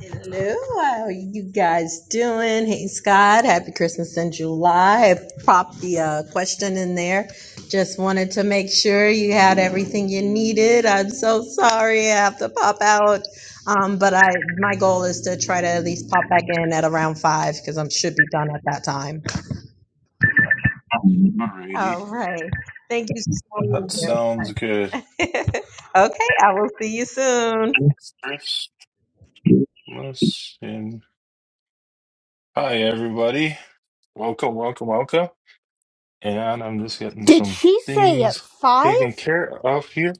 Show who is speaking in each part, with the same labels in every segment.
Speaker 1: Hello, how are you guys doing? Hey, Scott, happy Christmas in July. I popped the uh, question in there. Just wanted to make sure you had everything you needed. I'm so sorry I have to pop out. Um, but I, my goal is to try to at least pop back in at around five because I should be done at that time.
Speaker 2: Alrighty,
Speaker 1: All right. Thank you
Speaker 2: that
Speaker 1: so
Speaker 2: sounds good.
Speaker 1: much. okay, I will see you soon.
Speaker 2: Chris, listen. Hi, everybody. Welcome, welcome, welcome. And I'm just getting
Speaker 3: Did
Speaker 2: some
Speaker 3: she say at
Speaker 2: things
Speaker 3: five?
Speaker 2: taken care of here.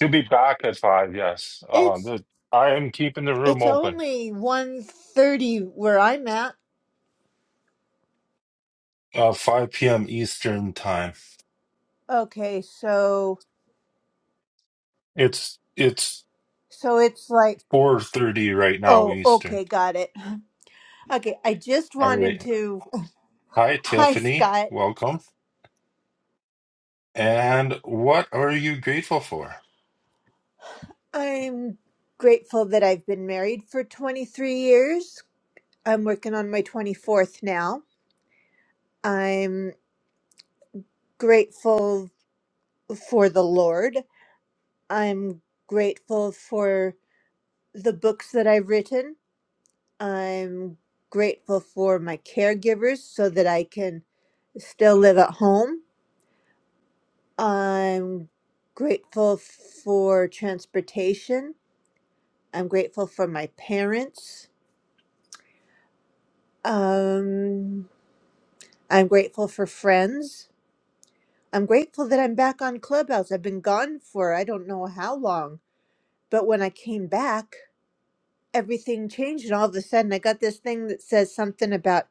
Speaker 2: You'll be back at five, yes. Uh,
Speaker 3: It's
Speaker 2: the, I am keeping the room
Speaker 3: it's
Speaker 2: open.
Speaker 3: only one thirty where I'm at.
Speaker 2: Uh, five p.m. Eastern time.
Speaker 3: Okay, so
Speaker 2: It's it's
Speaker 3: so it's like
Speaker 2: four thirty right now
Speaker 3: oh
Speaker 2: Eastern.
Speaker 3: okay, got it. Okay, I just
Speaker 2: All
Speaker 3: wanted
Speaker 2: right.
Speaker 3: to.
Speaker 2: Hi,
Speaker 3: Hi,
Speaker 2: Tiffany.
Speaker 3: Scott.
Speaker 2: Welcome. And what are you grateful for?
Speaker 3: I'm grateful that I've been married for 23 years. I'm working on my 24th now. I'm grateful for the Lord. I'm grateful for the books that I've written. I'm grateful for my caregivers so that I can still live at home. I'm grateful for transportation. I'm grateful for my parents. Um, I'm grateful for friends. I'm grateful that I'm back on Clubhouse. I've been gone for I don't know how long, but when I came back, everything changed, and all of a sudden I got this thing that says something about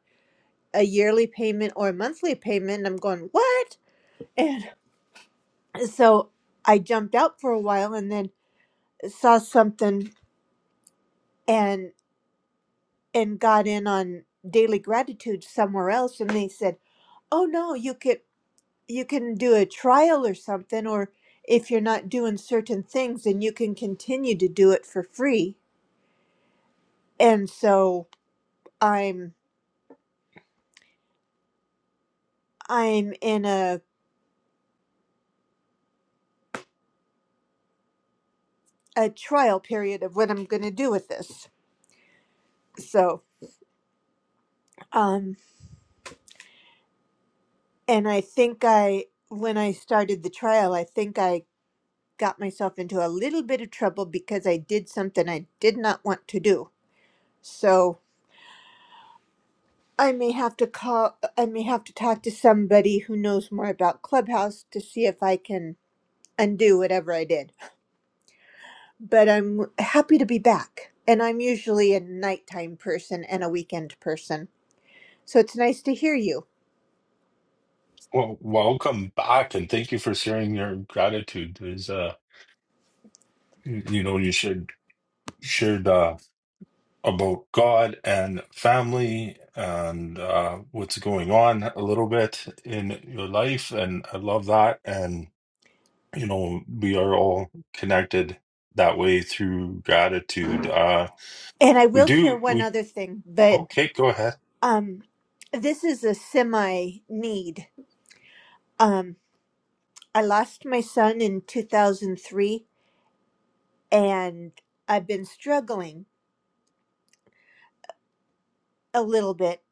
Speaker 3: a yearly payment or a monthly payment. And I'm going, what? so I jumped out for a while and then saw something and and got in on daily gratitude somewhere else and they said, "Oh no, you could you can do a trial or something or if you're not doing certain things then you can continue to do it for free." And so I'm I'm in a a trial period of what I'm going to do with this. So, um and I think I when I started the trial, I think I got myself into a little bit of trouble because I did something I did not want to do. So I may have to call, I may have to talk to somebody who knows more about Clubhouse to see if I can undo whatever I did. But I'm happy to be back. And I'm usually a nighttime person and a weekend person. So it's nice to hear you.
Speaker 2: Well, welcome back, and thank you for sharing your gratitude. Is uh, you know, you shared shared uh, about God and family and uh, what's going on a little bit in your life, and I love that. And you know, we are all connected that way through gratitude. Uh,
Speaker 3: And I
Speaker 2: we
Speaker 3: will
Speaker 2: do.
Speaker 3: share one
Speaker 2: We
Speaker 3: other thing, but
Speaker 2: okay. Go ahead.
Speaker 3: um, this is a semi need. Um, I lost my son in 2003 and I've been struggling a little bit.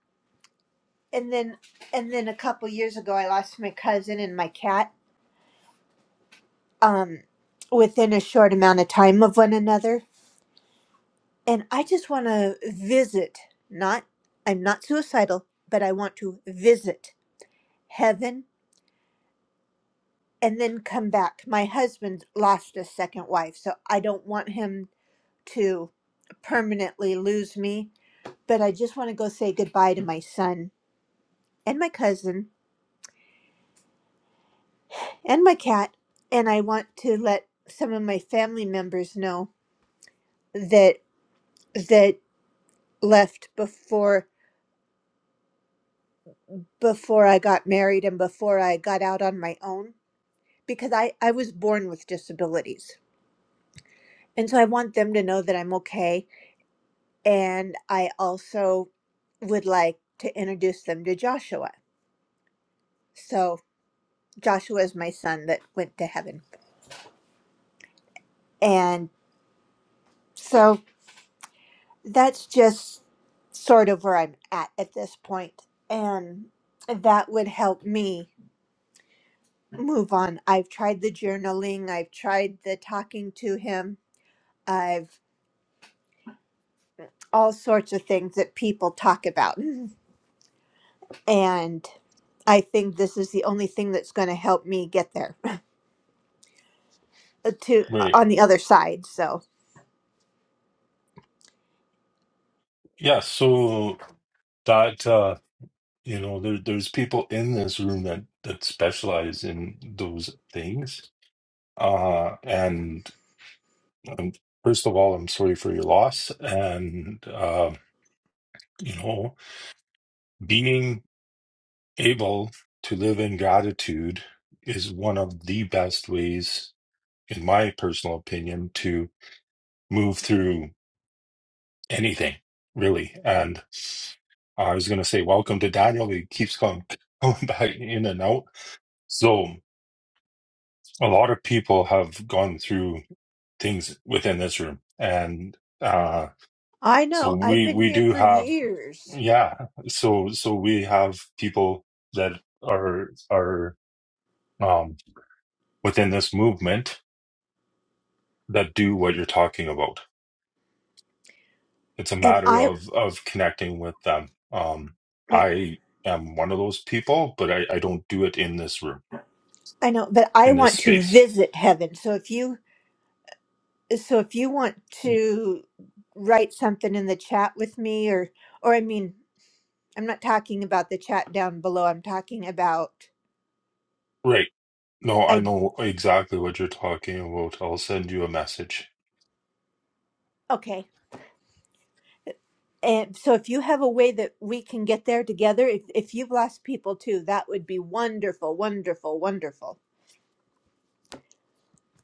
Speaker 3: And then and then a couple years ago I lost my cousin and my cat um within a short amount of time of one another. And I just want to visit, not I'm not suicidal, but I want to visit heaven and then come back. My husband lost a second wife, so I don't want him to permanently lose me, but I just want to go say goodbye to my son and my cousin and my cat and i want to let some of my family members know that that left before before i got married and before i got out on my own because i i was born with disabilities and so i want them to know that i'm okay and i also would like to introduce them to joshua so joshua is my son that went to heaven and so that's just sort of where I'm at at this point, and that would help me move on. I've tried the journaling, I've tried the talking to him, I've all sorts of things that people talk about, and I think this is the only thing that's going to help me get there to uh,
Speaker 2: Right.
Speaker 3: on the other side. So
Speaker 2: Yeah. So that. uh, You know, there there's people in this room that that specialize in those things. Uh, and um, first of all, I'm sorry for your loss. And uh, you know, being able to live in gratitude is one of the best ways, in my personal opinion, to move through anything, really. And I was going to say, welcome to Daniel. He keeps going, going back in and out. So. a lot of people have gone through things within this room and uh
Speaker 3: I
Speaker 2: so
Speaker 3: know I've
Speaker 2: we
Speaker 3: been
Speaker 2: we
Speaker 3: here
Speaker 2: do
Speaker 3: for
Speaker 2: have
Speaker 3: years,
Speaker 2: yeah so so we have people that are are um within this movement that do what you're talking about it's a
Speaker 3: and
Speaker 2: matter
Speaker 3: I
Speaker 2: of of connecting with them um
Speaker 3: right.
Speaker 2: i am one of those people but i i don't do it in this room
Speaker 3: I know, but I
Speaker 2: in this
Speaker 3: want to
Speaker 2: space
Speaker 3: visit heaven. So if you so if you want to write something in the chat with me or or i mean i'm not talking about the chat down below i'm talking about
Speaker 2: right no i
Speaker 3: i
Speaker 2: know exactly what you're talking about i'll send you a message
Speaker 3: okay and so if you have a way that we can get there together if, if you've lost people too that would be wonderful wonderful wonderful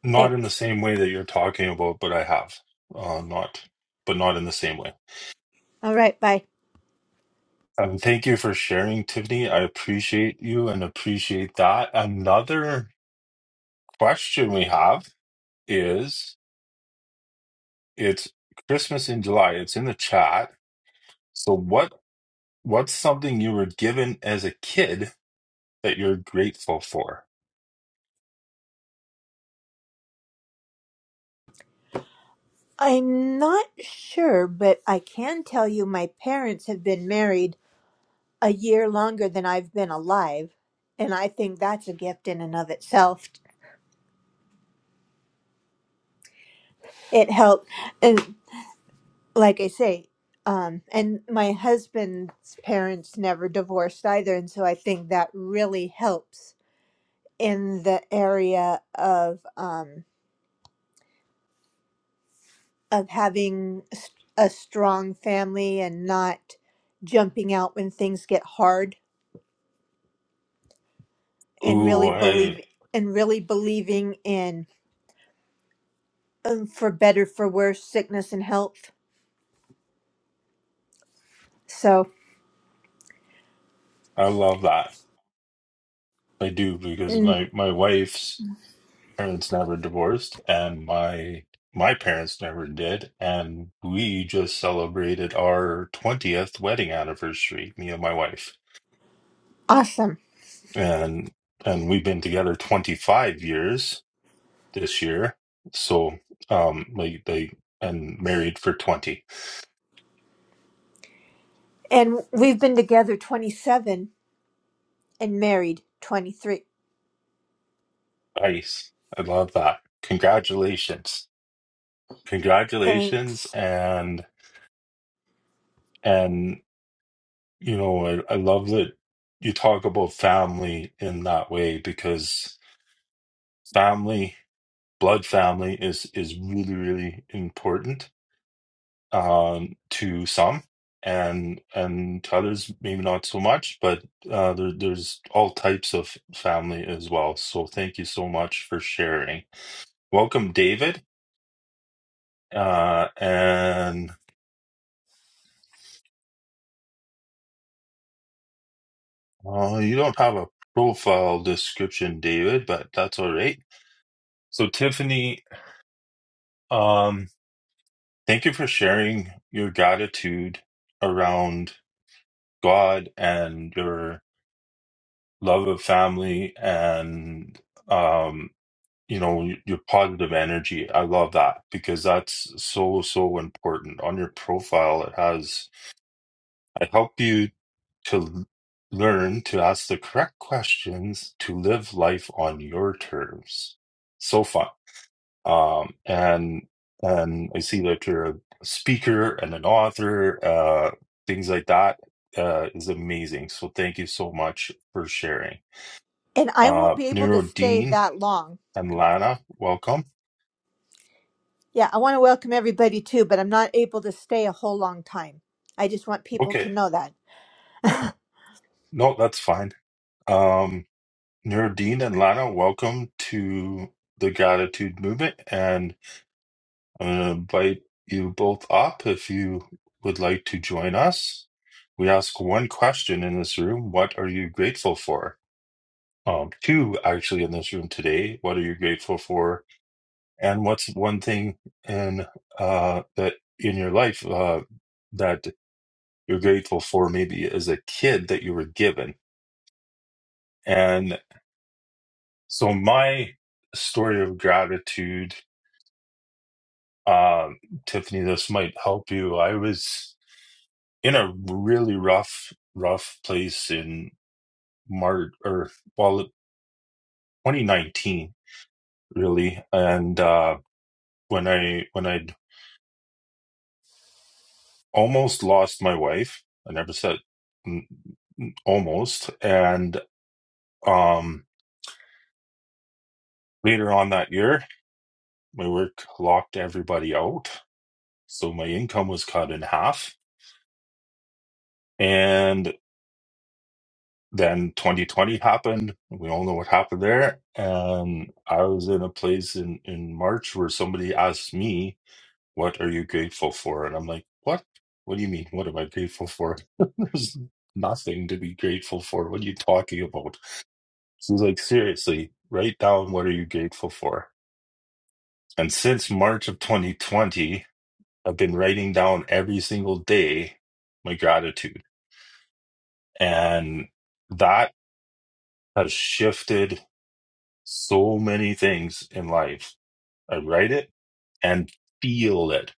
Speaker 2: Not in the
Speaker 3: thanks
Speaker 2: same way that you're talking about, but I have. Uh, not, but not in the same way.
Speaker 3: all right bye
Speaker 2: Um, thank you for sharing, Tiffany. I appreciate you and appreciate that. Another question we have is it's Christmas in July. It's in the chat. So what what's something you were given as a kid that you're grateful for?
Speaker 3: i'm not sure but i can tell you my parents have been married a year longer than i've been alive and i think that's a gift in and of itself it helped and like i say um and my husband's parents never divorced either and so i think that really helps in the area of um of having s- a strong family and not jumping out when things get hard and
Speaker 2: Ooh,
Speaker 3: really
Speaker 2: I,
Speaker 3: believe and really believing in um, for better for worse sickness and health so
Speaker 2: I love that. I do because
Speaker 3: mm,
Speaker 2: my my wife's parents never divorced and my my parents never did and we just celebrated our 20th wedding anniversary me and my wife
Speaker 3: awesome
Speaker 2: and and we've been together 25 years this year so um like they and married for 20
Speaker 3: and we've been together 27 and married 23.
Speaker 2: nice i love that congratulations congratulations
Speaker 3: Thanks.
Speaker 2: and and you know i, I love that you talk about family in that way because family, blood family is is really really important um, to some, and and to others maybe not so much. But uh, there, there's all types of family as well. So thank you so much for sharing. Welcome, David. Uh, and uh, you don't have a profile description, David, but that's all right. So Tiffany, um, thank you for sharing your gratitude around God and your love of family and um you know your positive energy. I love that because that's so so important. On your profile it has I help you to l- learn to ask the correct questions to live life on your terms. So fun um, and and I see that you're a speaker and an author, uh, things like that uh, is amazing. So thank you so much for sharing.
Speaker 3: And I won't
Speaker 2: Uh,
Speaker 3: be able to
Speaker 2: Neuro
Speaker 3: stay
Speaker 2: Dean
Speaker 3: that long.
Speaker 2: and Lana, welcome.
Speaker 3: Yeah, I want to welcome everybody too, but I'm not able to stay a whole long time. I just want people
Speaker 2: Okay,
Speaker 3: to know that.
Speaker 2: no, that's fine. Um, Neuro Dean and Lana, welcome to the Gratitude Movement, and I'm gonna invite you both up if you would like to join us. We ask one question in this room: What are you grateful for? um, two actually in this room today. What are you grateful for? And what's one thing in uh, that in your life uh, that you're grateful for, maybe as a kid that you were given? And so, my story of gratitude, um, Tiffany, this might help you. I was in a really rough, rough place in March or well, 2019, really, and. Uh, when I when I almost lost my wife. I never said n- n- almost. And um, later on that year, my work locked everybody out. So my income was cut in half. And then 2020 happened. We all know what happened there. And I was in a place in, in March where somebody asked me, What are you grateful for? And I'm like, What? What do you mean? What am I grateful for? There's nothing to be grateful for. What are you talking about? So it's like seriously, write down what are you grateful for. And since March of 2020, I've been writing down every single day my gratitude. And that has shifted so many things in life. I write it and feel it.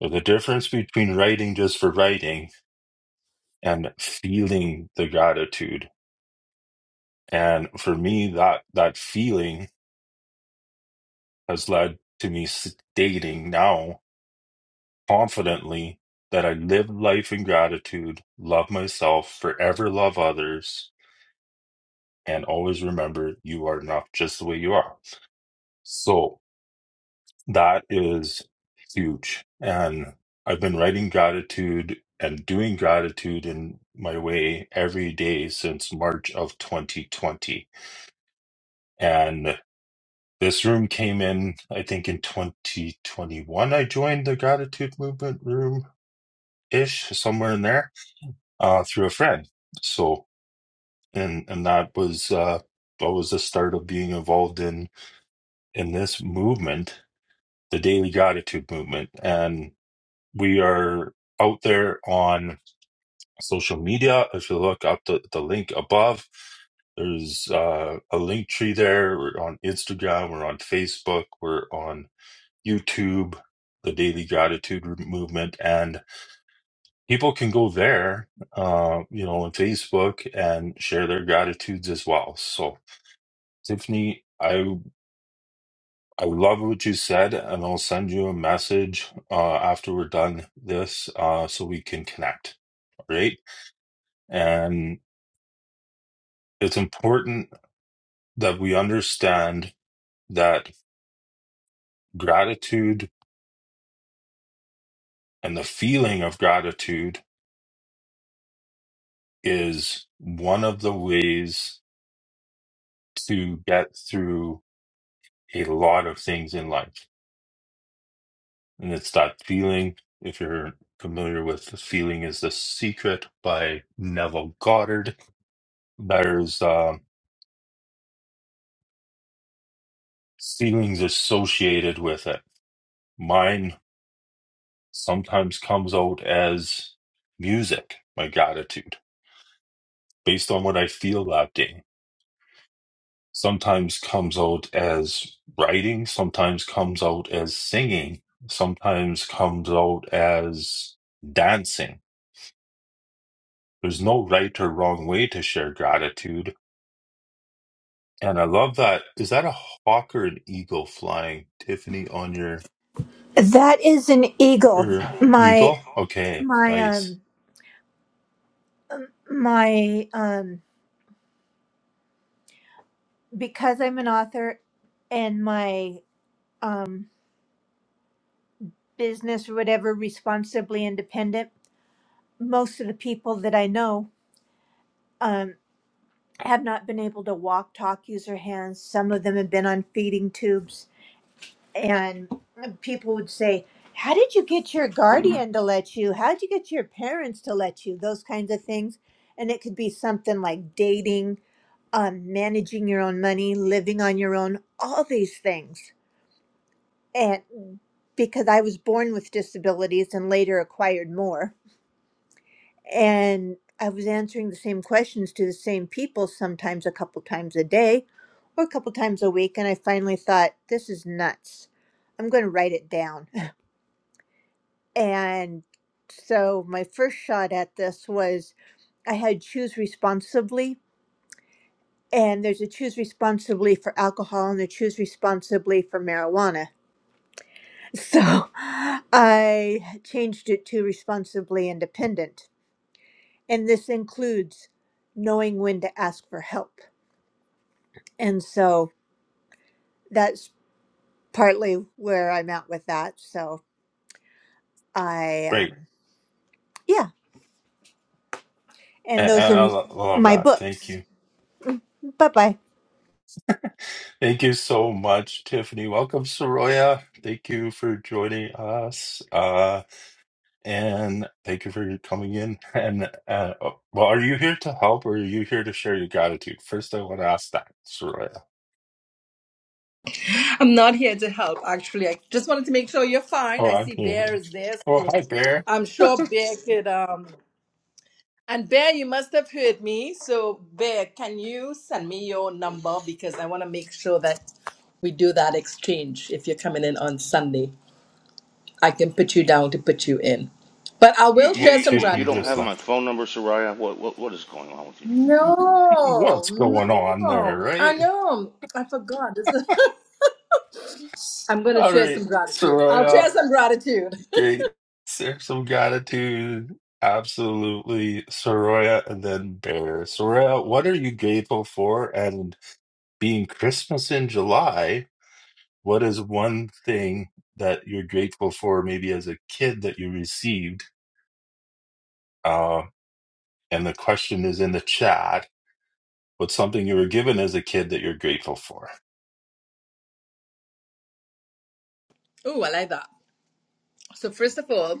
Speaker 2: But the difference between writing just for writing and feeling the gratitude. And for me, that that feeling has led to me stating now confidently that I live life in gratitude, love myself, forever love others, and always remember you are enough just the way you are. So that is huge. And I've been writing gratitude and doing gratitude in my way every day since March of 2020. And this room came in, I think, in 2021. I joined the gratitude movement room ish, somewhere in there uh, through a friend. So, and and that was uh, that was the start of being involved in in this movement, the Daily Gratitude Movement, and we are out there on social media. If you look up the the link above, there's uh, a link tree there. We're on Instagram, we're on Facebook, we're on YouTube, the Daily Gratitude Movement, and people can go there, uh, you know, on Facebook and share their gratitudes as well. So, Tiffany, I I love what you said, and I'll send you a message uh, after we're done this, uh, so we can connect. All right, and it's important that we understand that gratitude and the feeling of gratitude is one of the ways to get through a lot of things in life and it's that feeling. If you're familiar with the feeling, is the secret by Neville Goddard. There's uh, feelings associated with it. Mine sometimes comes out as music, my gratitude, based on what I feel that day. Sometimes comes out as writing. Sometimes comes out as singing. Sometimes comes out as dancing. There's no right or wrong way to share gratitude And I love that. Is that a hawk or an eagle flying, Tiffany, on your
Speaker 3: That is an eagle.
Speaker 2: er,
Speaker 3: My
Speaker 2: eagle? Okay,
Speaker 3: my
Speaker 2: nice.
Speaker 3: um my um because I'm an author and my um business or whatever responsibly independent, most of the people that I know um, have not been able to walk, talk, use their hands. Some of them have been on feeding tubes. And people would say, How did you get your guardian to let you? How did you get your parents to let you? Those kinds of things. And it could be something like dating, um, managing your own money, living on your own, all these things. And because I was born with disabilities and later acquired more. and I was answering the same questions to the same people sometimes a couple times a day or a couple times a week. And I finally thought, this is nuts. I'm going to write it down. And so my first shot at this was I had choose responsibly. And there's a choose responsibly for alcohol and a choose responsibly for marijuana. So I changed it to responsibly independent. And this includes knowing when to ask for help And so that's partly where I'm at with that. So I,
Speaker 2: Great.
Speaker 3: um, yeah. And
Speaker 2: And,
Speaker 3: those
Speaker 2: and
Speaker 3: are
Speaker 2: I
Speaker 3: m-
Speaker 2: lo- love
Speaker 3: my
Speaker 2: that. Thank
Speaker 3: books.
Speaker 2: you.
Speaker 3: Bye bye.
Speaker 2: Thank you so much, Tiffany. Welcome, Soroya. Thank you for joining us. Uh, and thank you for coming in. And uh, oh, well, are you here to help or are you here to share your gratitude? First, I want to ask that, Soroya.
Speaker 4: I'm not here to help, actually. I just wanted to make sure you're fine.
Speaker 2: Oh,
Speaker 4: I
Speaker 2: I'm
Speaker 4: see
Speaker 2: here.
Speaker 4: Bear
Speaker 2: now.
Speaker 4: is there,
Speaker 2: Oh,
Speaker 4: so
Speaker 2: hi, Bear.
Speaker 4: I'm sure Bear could. Um, and Bear, you must have heard me. So, Bear, can you send me your number because I want to make sure that we do that exchange if you're coming in on Sunday. I can put you down to put you in. But I
Speaker 5: You,
Speaker 4: will
Speaker 5: you
Speaker 2: Well,
Speaker 4: share
Speaker 5: you
Speaker 4: some
Speaker 5: you
Speaker 2: Tiffany
Speaker 5: don't
Speaker 2: just
Speaker 5: have
Speaker 4: gratitude.
Speaker 5: my
Speaker 2: left
Speaker 5: phone number, Soraya. What what what is going on with you?
Speaker 4: No,
Speaker 2: what's going on there,
Speaker 4: no, I
Speaker 2: right?
Speaker 4: know. I forgot. This is- I'm going to
Speaker 2: All
Speaker 4: share
Speaker 2: right,
Speaker 4: some gratitude. I'll
Speaker 2: Soraya,
Speaker 4: share some gratitude.
Speaker 2: great. Serve some gratitude. Absolutely, Soraya, and then Bear. Soraya, what are you grateful for? And being Christmas in July, what is one thing that you're grateful for, maybe as a kid that you received? Uh, and the question is in the chat. What's something you were given as a kid that you're grateful for?
Speaker 4: Oh, I like that. So, first of all,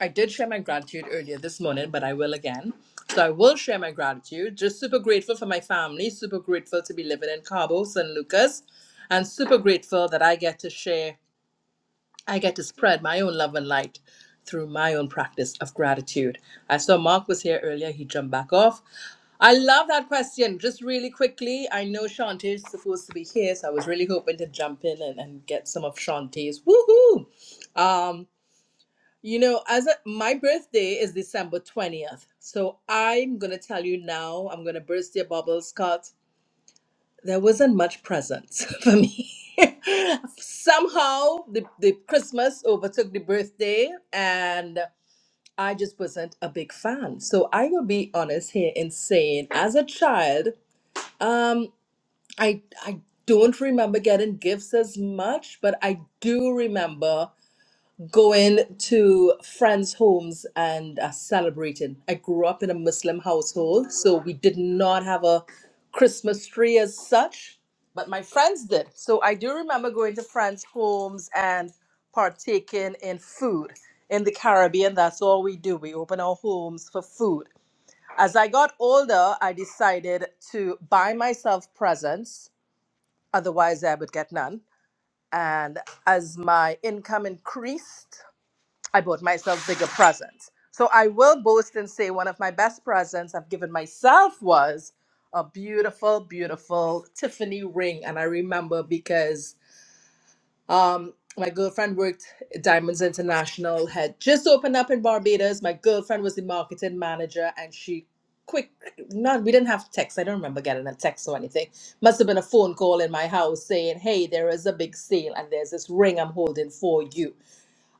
Speaker 4: I did share my gratitude earlier this morning, but I will again. So, I will share my gratitude. Just super grateful for my family, super grateful to be living in Cabo San Lucas, and super grateful that I get to share, I get to spread my own love and light through my own practice of gratitude. I saw Mark was here earlier, he jumped back off. I love that question. Just really quickly, I know Shantae is supposed to be here, so I was really hoping to jump in and, and get some of Shantae's woohoo. Um, you know, as a, my birthday is December 20th, so I'm gonna tell you now, I'm gonna burst your bubble, Scott. There wasn't much presents for me. Somehow the, the Christmas overtook the birthday, and I just wasn't a big fan. So I will be honest here in saying, as a child, um, I I don't remember getting gifts as much, but I do remember going to friends' homes and uh, celebrating. I grew up in a Muslim household, so we did not have a Christmas tree as such, but my friends did. So I do remember going to friends' homes and partaking in food. In the Caribbean, that's all we do. We open our homes for food. As I got older, I decided to buy myself presents, otherwise, I would get none. And as my income increased, I bought myself bigger presents. So I will boast and say one of my best presents I've given myself was a beautiful, beautiful Tiffany ring. And I remember because um, my girlfriend worked at Diamonds International, had just opened up in Barbados. My girlfriend was the marketing manager, and she quick not we didn't have text i don't remember getting a text or anything must have been a phone call in my house saying hey there is a big sale and there's this ring i'm holding for you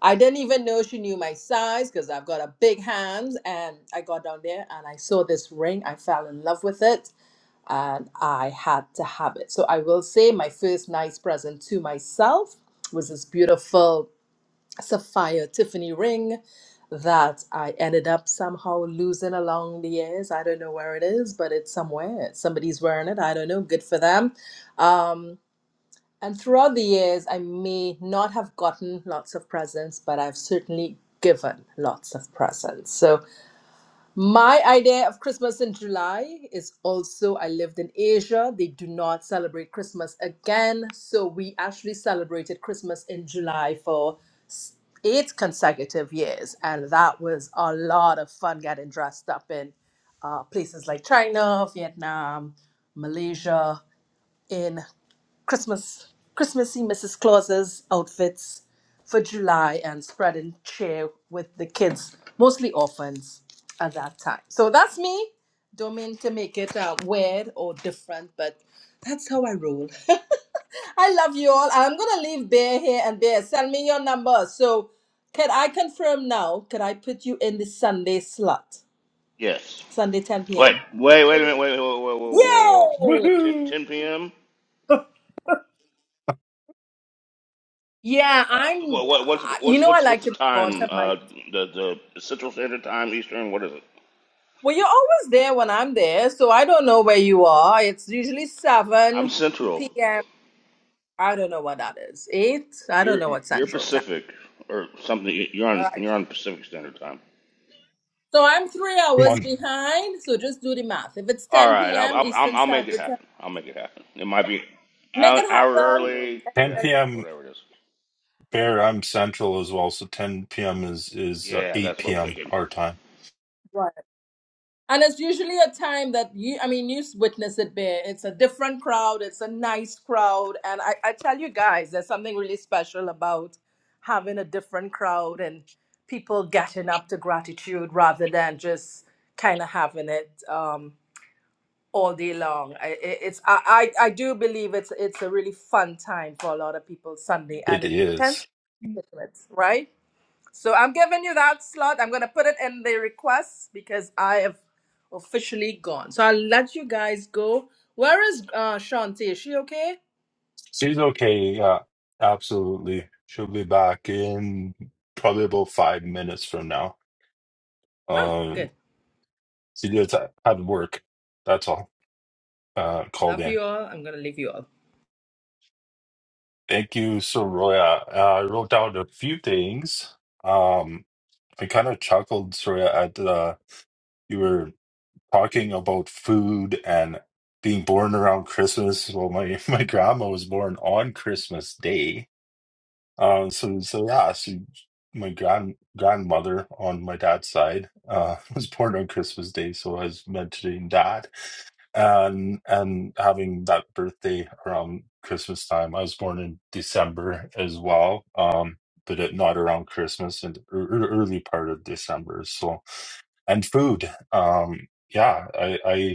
Speaker 4: I didn't even know she knew my size because I've got a big hands. And I got down there and I saw this ring. I fell in love with it and I had to have it. So I will say my first nice present to myself was this beautiful sapphire Tiffany ring that I ended up somehow losing along the years. I don't know where it is, but it's somewhere. Somebody's wearing it. I don't know. Good for them. Um, and throughout the years, I may not have gotten lots of presents, but I've certainly given lots of presents. So, my idea of Christmas in July is also I lived in Asia. They do not celebrate Christmas again. So, we actually celebrated Christmas in July for s- eight consecutive years. And that was a lot of fun getting dressed up in uh, places like China, Vietnam, Malaysia. in. Christmas Christmassy Mrs. Claus's outfits for July and spread and share with the kids, mostly orphans at that time. So that's me. Don't mean to make it uh, weird or different, but that's how I roll. I love you all. I'm gonna leave Bear here and Bear, send me your number. So can I confirm now? Can I put you in the Sunday slot?
Speaker 5: Yes.
Speaker 4: Sunday 10
Speaker 5: Wait
Speaker 4: p.m.
Speaker 5: wait wait a minute. Wait wait whoa whoa whoa whoa whoa.
Speaker 4: Yay!
Speaker 5: 10,
Speaker 2: Woohoo!
Speaker 5: 10 p.m.
Speaker 4: Yeah,
Speaker 5: Uh,
Speaker 4: I'm.
Speaker 5: what, what what's
Speaker 4: uh, You
Speaker 5: what's
Speaker 4: know, I
Speaker 5: what's what's
Speaker 4: like
Speaker 5: the
Speaker 4: to move on
Speaker 5: time?
Speaker 4: to my
Speaker 5: Uh, the the Central Standard Time, Eastern. What is it?
Speaker 4: Well, you're always there when I'm there, so I don't know where you are. It's usually
Speaker 5: I'm
Speaker 4: 7
Speaker 5: Central.
Speaker 4: p.m. I don't know what that is. 8? I don't
Speaker 5: You're
Speaker 4: know what
Speaker 5: you're
Speaker 4: central time.
Speaker 5: Pacific or something. You're
Speaker 4: All
Speaker 5: on
Speaker 4: right.
Speaker 5: you're on Pacific Standard Time.
Speaker 4: So I'm three
Speaker 2: Come
Speaker 4: hours
Speaker 2: on,
Speaker 4: behind, so just do the math. If it's
Speaker 5: All
Speaker 4: 10
Speaker 5: right. I'll
Speaker 4: p.m.
Speaker 5: I'll, I'll
Speaker 4: Eastern
Speaker 5: I'll make it
Speaker 4: Standard Time,
Speaker 5: happen. I'll make it happen. It might be an
Speaker 4: make
Speaker 5: hour
Speaker 4: it
Speaker 5: hour
Speaker 4: happen.
Speaker 5: early.
Speaker 2: 10
Speaker 5: Yeah.
Speaker 4: And
Speaker 2: p.m.
Speaker 5: Whatever it is.
Speaker 2: Fair, I'm central as well, so 10 p.m. is is uh,
Speaker 5: Yeah,
Speaker 2: 8
Speaker 5: that's what I'm
Speaker 4: it's
Speaker 2: p.m.
Speaker 5: thinking.
Speaker 2: our time.
Speaker 4: right. And it's usually a time that you, I mean, you witness it there. It's a different crowd, it's a nice crowd. And I, I tell you guys, there's something really special about having a different crowd and people getting up to gratitude rather than just kind of having it um, all day long. I, it- it's, I, I I do believe it's, it's a really fun time for a lot of people Sunday,
Speaker 2: It
Speaker 4: and it tends
Speaker 2: is.
Speaker 4: to be right? So I'm giving you that slot. I'm gonna put it in the request because I have officially gone. So I'll let you guys go. Where is uh Shanti? Is she okay?
Speaker 2: She's okay. Yeah, absolutely. She'll be back in probably about five minutes from now.
Speaker 4: Ah,
Speaker 2: Um,
Speaker 4: good.
Speaker 2: she just had work. That's all. Uh, called
Speaker 4: Love
Speaker 2: in.
Speaker 4: you all. I'm gonna leave you all.
Speaker 2: Thank you, Soraya. Uh, I wrote down a few things. Um, I kind of chuckled, Soraya, at the you were. talking about food and being born around Christmas. Well, my, my grandma was born on Christmas Day. Um, so so yeah, so my grand grandmother on my dad's side uh, was born on Christmas Day. So I was mentioning that and and having that birthday around Christmas time. I was born in December as well. Um, but it, not around Christmas and ear- ear- early part of December. So and food. Um, yeah, I I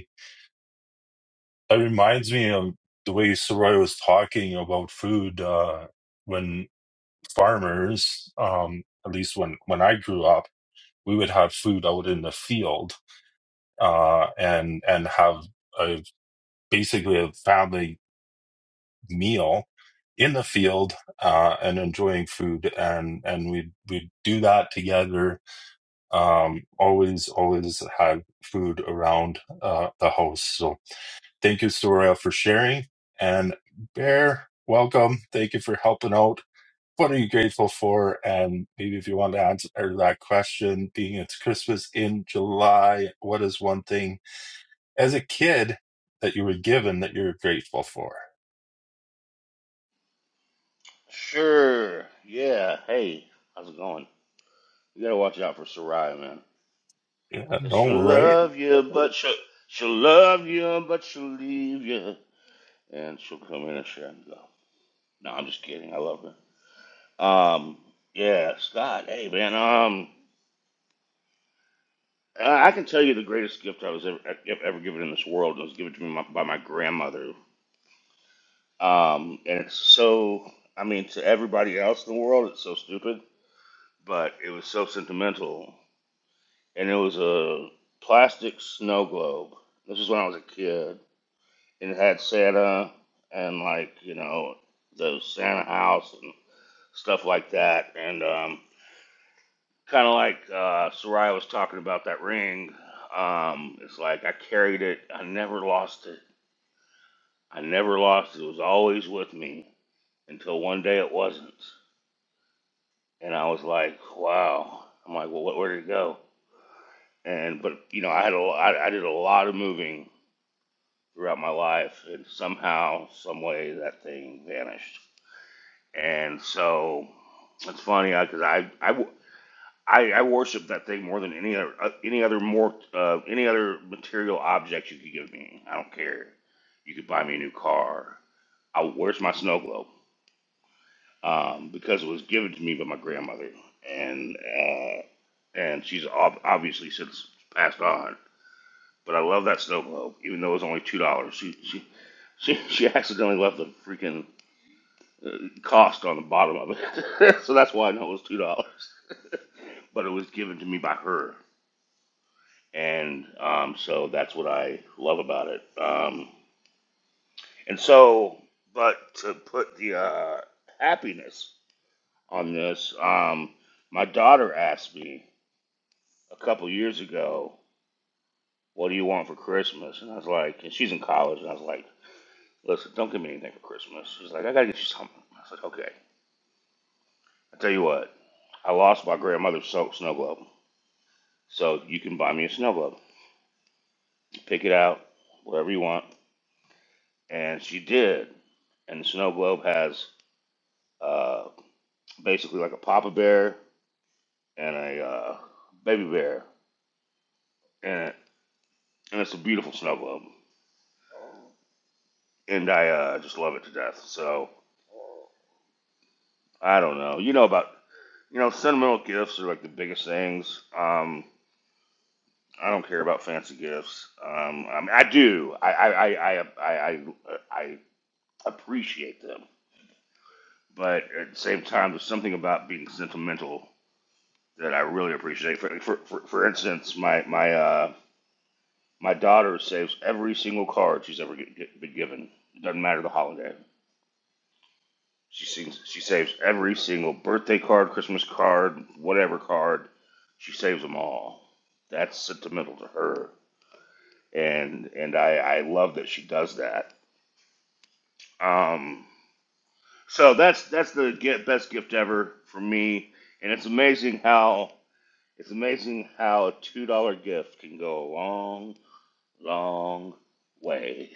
Speaker 2: that reminds me of the way Soraya was talking about food uh, when farmers, um, at least when, when I grew up, we would have food out in the field uh, and and have a, basically a family meal in the field uh, and enjoying food and and we we do that together. Um, always always have food around uh, the house. So Thank you, Soraya, for sharing. And Bear, welcome. Thank you for helping out. What are you grateful for? And maybe if you want to answer that question, being it's Christmas in July, what is one thing as a kid that you were given that you're grateful for?
Speaker 5: Sure. Yeah. Hey, how's it going? You gotta watch out for Soraya, man.
Speaker 2: Yeah,
Speaker 5: Cause
Speaker 2: all
Speaker 5: she'll
Speaker 2: right.
Speaker 5: love you, but she'll, she'll love you, but she'll leave you. And she'll come in and share and go. No, I'm just kidding. I love her. Um, yeah, Scott. Hey, man. Um, I I can tell you the greatest gift I was ever, e, e, ever given in this world was given to me by my grandmother. Um, and it's so, I mean, to everybody else in the world, it's so stupid, but it was so sentimental and it was a plastic snow globe. This was when I was a kid, and it had Santa and like you know the Santa house and stuff like that, and um, kind of like uh, Soraya was talking about that ring. Um, it's like I carried it. I never lost it. I never lost it. It was always with me until one day it wasn't, and I was like, wow. I'm like, well, where did it go? And but you know, I had a, I, I did a lot of moving throughout my life, and somehow, some way, that thing vanished. And so it's funny because I, I, I I worship that thing more than any other uh, any other more uh, any other material object you could give me. I don't care. You could buy me a new car. I, where's my snow globe? Um, because it was given to me by my grandmother, and uh, and she's ob- obviously since passed on. But I love that snow globe, even though it was only two dollars. She she she she accidentally left the freaking uh, cost on the bottom of it, so that's why I know it was two dollars. But it was given to me by her, and um, so that's what I love about it. Um, and so, but to put the uh, happiness on this, um, my daughter asked me a couple years ago, "What do you want for Christmas?" And I was like, and she's in college, and I was like. Listen, don't give me anything for Christmas. She's like, I gotta get you something. I said, okay. I tell you what, I lost my grandmother's snow, snow globe, so you can buy me a snow globe. Pick it out, whatever you want. And she did. And the snow globe has uh, basically like a papa bear and a uh, baby bear in it, and it's a beautiful snow globe. And I uh, just love it to death. So I don't know. You know about you know sentimental gifts are like the biggest things. Um, I don't care about fancy gifts. Um, I, mean, I do. I I, I I I I appreciate them, but at the same time, there's something about being sentimental that I really appreciate. For for for, for instance, my my uh, my daughter saves every single card she's ever get, get, been given. It doesn't matter the holiday. She sings, She saves every single birthday card, Christmas card, whatever card. She saves them all. That's sentimental to her, and and I I love that she does that Um, so that's that's the get, best gift ever for me, and it's amazing how it's amazing how a two dollar gift can go a long, long way.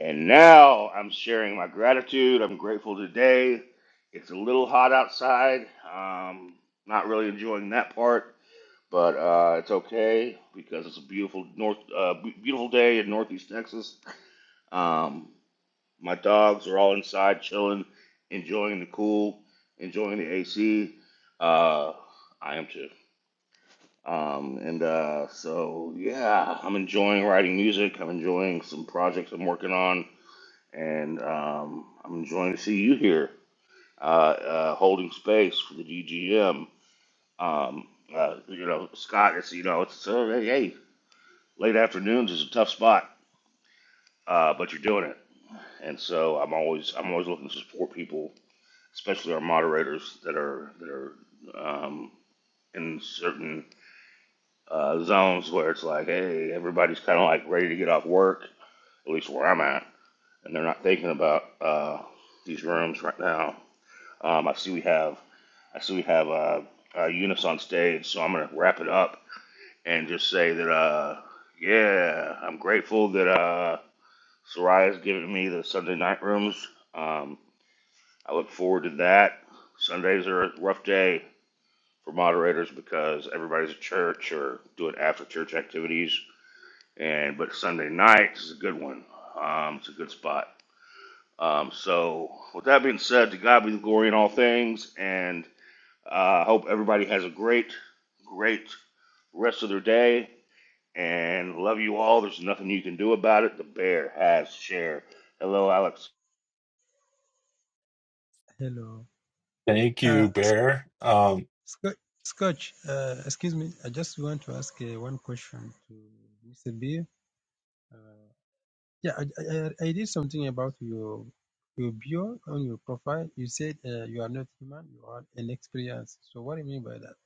Speaker 5: And now I'm sharing my gratitude. I'm grateful today. It's a little hot outside. Um, not really enjoying that part, but uh, it's okay because it's a beautiful north, uh, beautiful day in Northeast Texas. Um, My dogs are all inside chilling, enjoying the cool, enjoying the AC. Uh, I am too. Um, and uh, so, yeah, I'm enjoying writing music. I'm enjoying some projects I'm working on. And um, I'm enjoying to see you here uh, uh, holding space for the DGM. Um, uh, you know, Scott, it's, you know, it's, uh, hey, hey, late afternoons is a tough spot, uh, but you're doing it. And so I'm always, I'm always looking to support people especially our moderators that are that are um, in certain uh, zones where it's like, hey, everybody's kind of like ready to get off work, at least where I'm at, and they're not thinking about uh, these rooms right now. Um, I see we have, I see we have uh, uh, Eunice on stage, so I'm gonna wrap it up and just say that, uh, yeah, I'm grateful that uh, Soraya's giving me the Sunday night rooms. Um, I look forward to that. Sundays are a rough day for moderators because everybody's at church or doing after church activities. And but Sunday night is a good one. Um, it's a good spot. Um, so with that being said, to God be the glory in all things, and uh, I uh, hope everybody has a great, great rest of their day. And love you all. There's nothing you can do about it. The bear has share. Hello, Alex.
Speaker 6: Hello.
Speaker 2: Thank
Speaker 6: Uh,
Speaker 2: you, Bear. Um,
Speaker 6: Sc- Scotch, uh, excuse me. I just want to ask uh, one question to Mr. B. Uh, yeah, I, I, I I did something about your your bio on your profile. You said uh, you are not human, you are an experience. So what do you mean by that?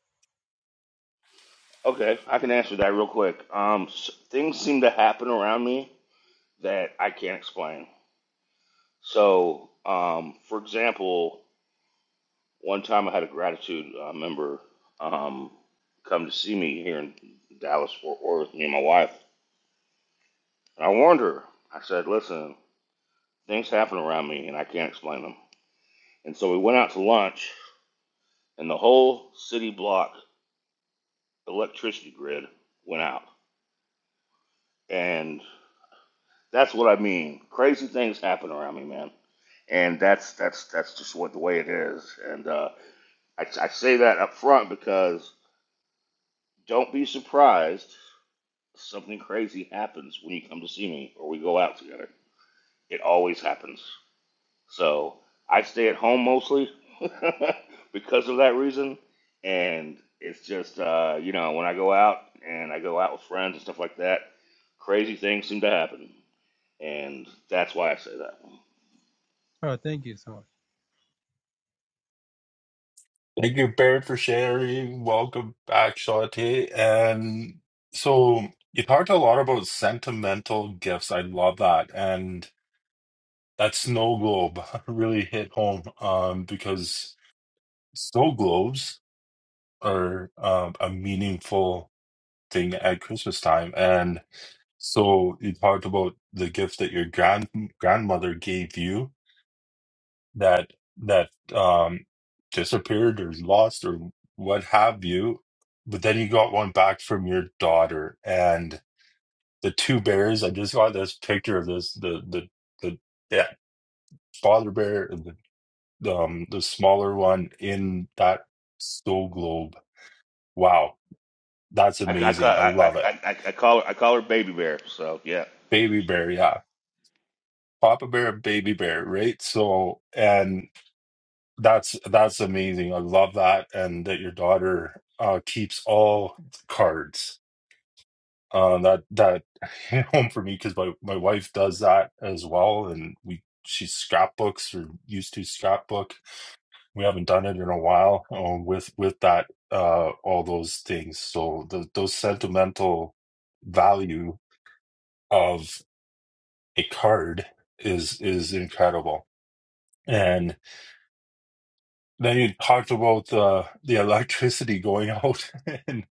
Speaker 5: Okay, I can answer that real quick. Um, things seem to happen around me that I can't explain So, um, for example, one time I had a gratitude uh, member um, come to see me here in Dallas, Fort Worth, me and my wife. And I warned her. I said, listen, things happen around me and I can't explain them. And so we went out to lunch, and the whole city block electricity grid went out. And that's what I mean. Crazy things happen around me, man. And that's that's that's just what the way it is. And uh, I, I say that up front because Don't be surprised. if Something crazy happens when you come to see me or we go out together. It always happens. So I stay at home mostly because of that reason. And it's just, uh, you know, when I go out and I go out with friends and stuff like that, crazy things seem to happen. And that's why I say that.
Speaker 6: Oh, thank you so much.
Speaker 2: thank you, Bear, for sharing. Welcome back, Shawty. And so you talked a lot about sentimental gifts. I love that. And that snow globe really hit home um, because snow globes are um, a meaningful thing at Christmas time. And so you talked about the gift that your grand grandmother gave you that that um, disappeared or lost or what have you. But then you got one back from your daughter and the two bears. I just got this picture of this the the the yeah, father bear um the smaller one in that snow globe. Wow, that's
Speaker 5: I, I,
Speaker 2: amazing. I
Speaker 5: I,
Speaker 2: love it.
Speaker 5: I, I, I call her I call her Baby Bear. So yeah.
Speaker 2: Baby bear, yeah. Papa bear, baby bear, right? So and that's that's amazing. I love that and that your daughter uh keeps all cards. Uh that that hit home for me because my, my wife does that as well and we she scrapbooks or used to scrapbook We haven't done it in a while um, with with that uh, all those things. So the, those sentimental value of a card is is incredible. And then you talked about the the electricity going out and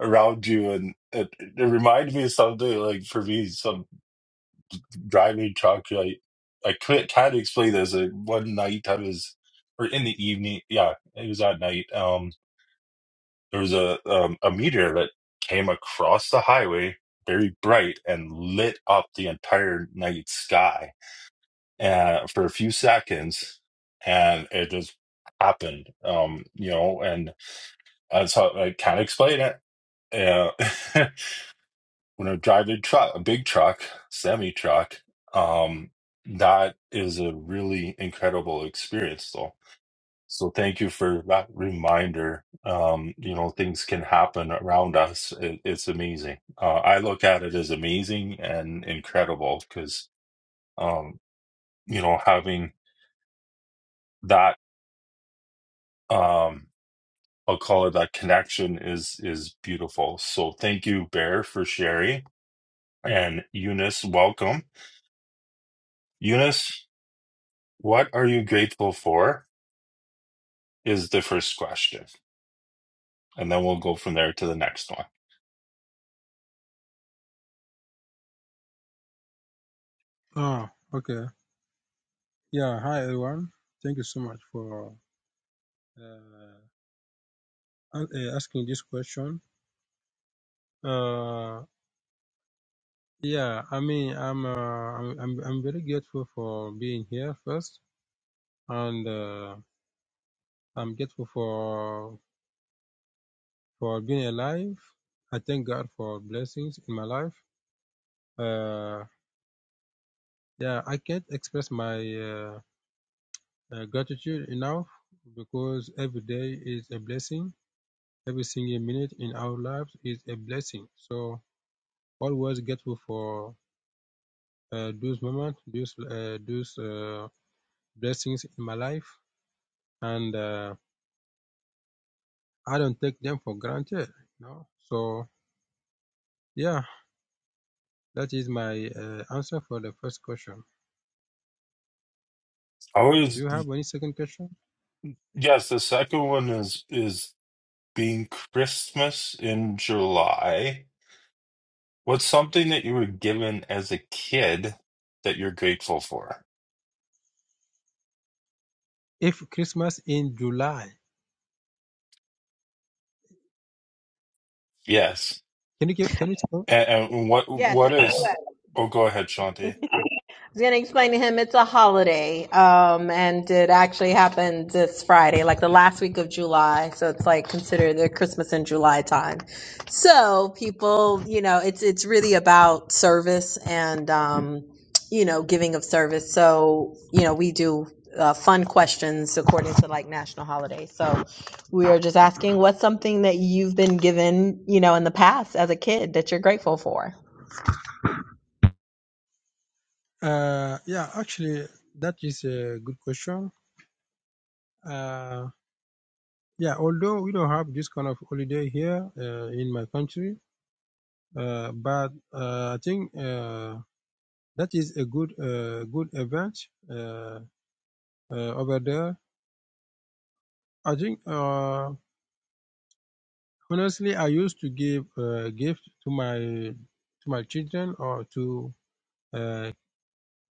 Speaker 2: around you, and it, it reminded me of something like for me, some driving truck. I I can't, can't explain this. Uh, One night I was, or in the evening, yeah, it was at night. Um, there was a um, a meteor that came across the highway very bright and lit up the entire night sky uh, for a few seconds and it just happened um you know and that's how i can't explain it uh, when i drive a truck a big truck semi truck um that is a really incredible experience though so thank you for that reminder. Um, you know, things can happen around us. It, it's amazing. Uh, I look at it as amazing and incredible because, um, you know, having that, um, I'll call it that connection is is beautiful. So thank you, Bear, for sharing, and Eunice, welcome. Eunice, what are you grateful for? Is the first question, and then we'll go from there to the next one.
Speaker 6: Oh, okay. Yeah, hi everyone. Thank you so much for uh, a- uh, asking this question. Uh, yeah, I mean, I'm, uh, I'm I'm I'm very grateful for being here first and uh, I'm grateful for for being alive. I thank God for blessings in my life. Uh, yeah, I can't express my uh, uh, gratitude enough because every day is a blessing. Every single minute in our lives is a blessing. So always grateful for uh, those moments, those uh, those uh, blessings in my life, and uh, I don't take them for granted. You know? So yeah That is my uh, answer for the first question. Do
Speaker 2: always
Speaker 6: you have any second question?
Speaker 2: Yes, the second one is is being Christmas in July, what's something that you were given as a kid that you're grateful for?
Speaker 6: If Christmas in July,
Speaker 2: Yes.
Speaker 6: can you give, can you tell?
Speaker 2: And, and what
Speaker 1: Yes.
Speaker 2: what
Speaker 1: and
Speaker 2: is
Speaker 6: Uh,
Speaker 2: oh go ahead, Shanti.
Speaker 1: I was going to explain to him it's a holiday, um, and it actually happened this Friday, like the last week of July. So it's like considered the Christmas in July time. So people, you know, it's it's really about service and um, you know giving of service. So you know we do uh, fun questions according to like national holidays. So we are just asking what's something that you've been given, you know, in the past as a kid that you're grateful for?
Speaker 6: uh, yeah, actually, that is a good question. Uh, yeah, although we don't have this kind of holiday here uh, in my country, uh, but uh, I think uh, that is a good uh, good event uh, uh, over there. I think uh, honestly, I used to give uh, gift to my to my children or to uh,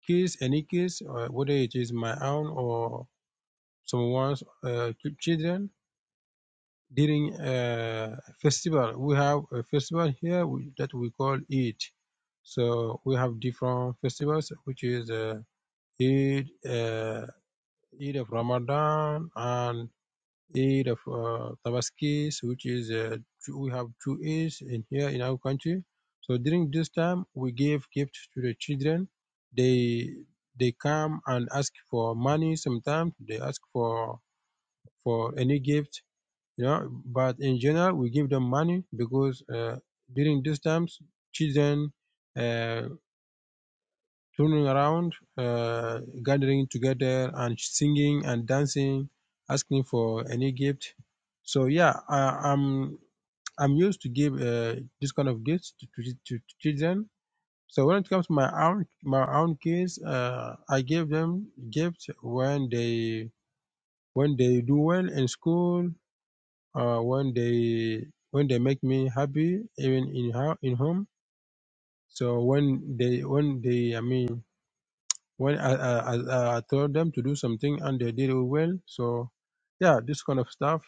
Speaker 6: kids, any kids, uh, whether it is my own or someone's uh, children. During uh, festival, we have a festival here we, that we call Eid. So we have different festivals, which is uh, Eid, uh, Eid of Ramadan, and aid of uh, Tabaskis, which is uh, we have two aids in here in our country. So during this time, we gave gifts to the children. They they come and ask for money. Sometimes they ask for for any gift, you know. But in general, we give them money because uh, during these times, children. Uh, turning around, uh, gathering together and singing and dancing, asking for any gift. So yeah, I, I'm I'm used to give uh, this kind of gifts to, to, to children. So when it comes to my own my own kids, uh, I give them gifts when they when they do well in school, uh, when they when they make me happy even in ho- in home. So when they when they I mean when I, I, I, I told them to do something and they did it well. So, yeah, this kind of stuff.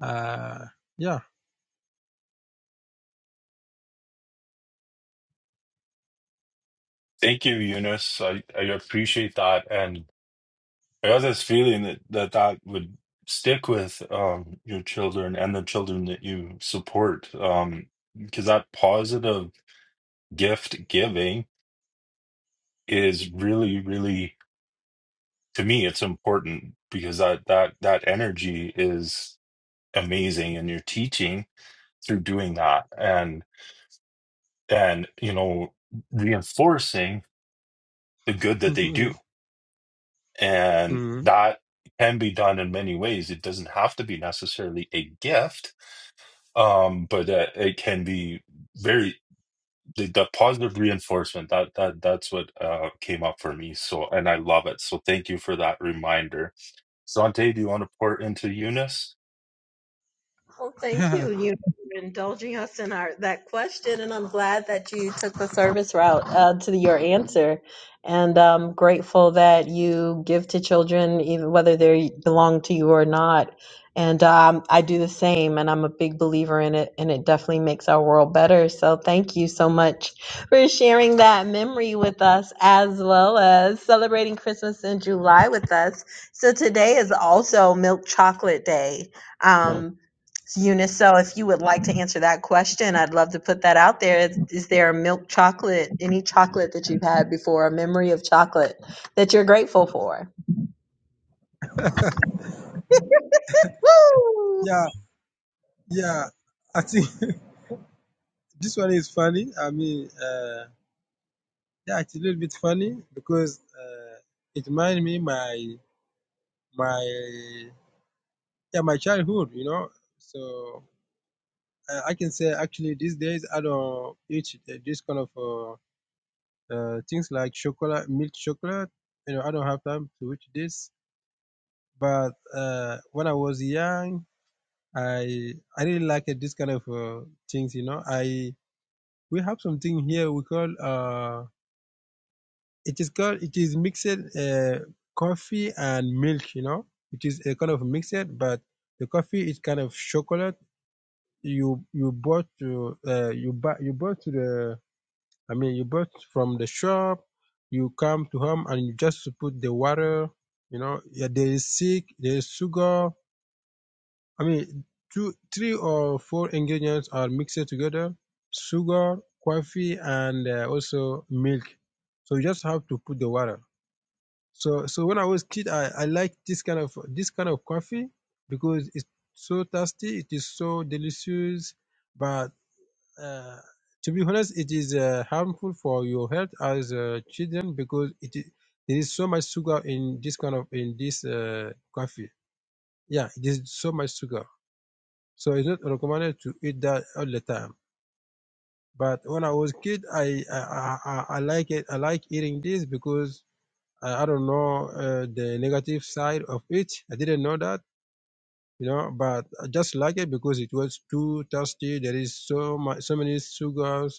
Speaker 6: Uh, yeah.
Speaker 2: Thank you, Eunice. I, I appreciate that. And I have this feeling that that, that would stick with um, your children and the children that you support. Um, because that positive gift giving is really, really to me it's important because that that that energy is amazing and you're teaching through doing that and and you know reinforcing the good that they do and
Speaker 6: Mhm.
Speaker 2: that can be done in many ways it doesn't have to be necessarily a gift um but uh, it can be very the, the positive reinforcement that that that's what uh came up for me so and i love it so thank you for that reminder Zante, do you want to pour into eunice
Speaker 1: Well, thank you. You for indulging us in our that question, and I'm glad that you took the service route uh, to your answer. And I'm grateful that you give to children, even whether they belong to you or not. And um, I do the same, and I'm a big believer in it, and it definitely makes our world better. So thank you so much for sharing that memory with us, as well as celebrating Christmas in July with us. So today is also Milk Chocolate Day. Um, Eunice, so if you would like to answer that question, I'd love to put that out there. Is, is there a milk chocolate, any chocolate that you've had before, a memory of chocolate that you're grateful for? Woo!
Speaker 6: yeah, yeah. I think this one is funny. I mean, uh, yeah, it's a little bit funny because uh, it reminds me my my yeah my childhood. You know, so uh, I can say actually these days I don't eat uh, this kind of. Uh, uh, things like chocolate, milk chocolate. You know, I don't have time to eat this. But uh, when I was young, I I really liked this kind of uh, things. You know, I we have something here we call uh, it is called it is mixed uh, coffee and milk. You know, it is a kind of mixed, but the coffee is kind of chocolate. You you bought to uh, you buy you bought to the I mean, you bought from the shop, you come to home and you just put the water, you know, yeah, there is sick, there is sugar. I mean, two, three or four ingredients are mixed together, sugar, coffee, and uh, also milk. So you just have to put the water. So, so when I was kid, I, I like this kind of, this kind of coffee because it's so tasty. It is so delicious, but uh, to be honest, it is uh, harmful for your health as uh, children because it is, there is so much sugar in this kind of in this uh, coffee. Yeah, it is so much sugar, so it's not recommended to eat that all the time. But when I was kid, I I, I, I I like it. I like eating this because I, I don't know uh, the negative side of it. I didn't know that, you know. But I just like it because it was too tasty. There is so much, so many sugars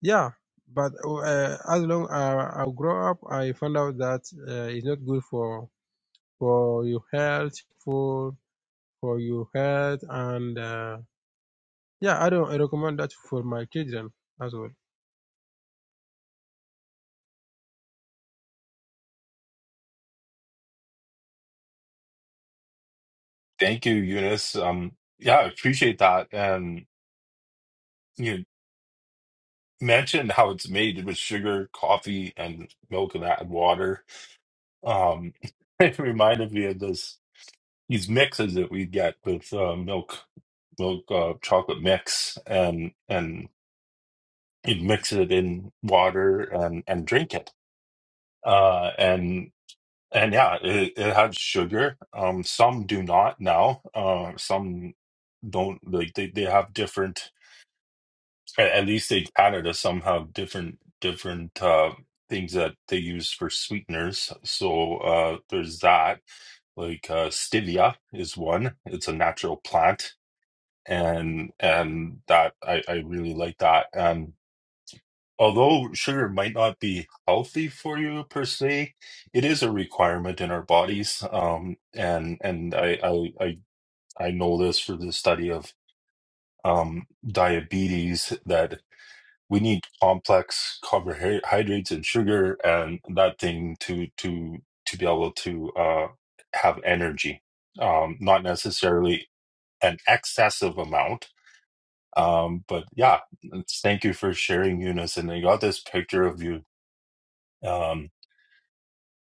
Speaker 6: Yeah, but uh, as long as I grow up, I found out that uh, it's not good for for your health, for for your health, and uh, yeah, I don't recommend that for my children as well.
Speaker 2: Thank you, Eunice. Um, yeah, I appreciate that. And you mentioned how it's made with sugar, coffee, and milk and add water. Um, it reminded me of this these mixes that we get with uh, milk, milk uh, chocolate mix, and and you mix it in water and and drink it. Uh, and and yeah, it, it has sugar. Um, some do not now. Uh, some don't like they, they have different At, at least in Canada, somehow different different uh, things that they use for sweeteners. So uh, there's that. Like uh, stevia is one. It's a natural plant, and and that I, I really like that. And although sugar might not be healthy for you per se, it is a requirement in our bodies. Um, and and I I I, I know this for the study of um diabetes that we need complex carbohydrates and sugar and that thing to to to be able to uh, have energy um, not necessarily an excessive amount um, but yeah it's- thank you for sharing eunice and i got this picture of you um,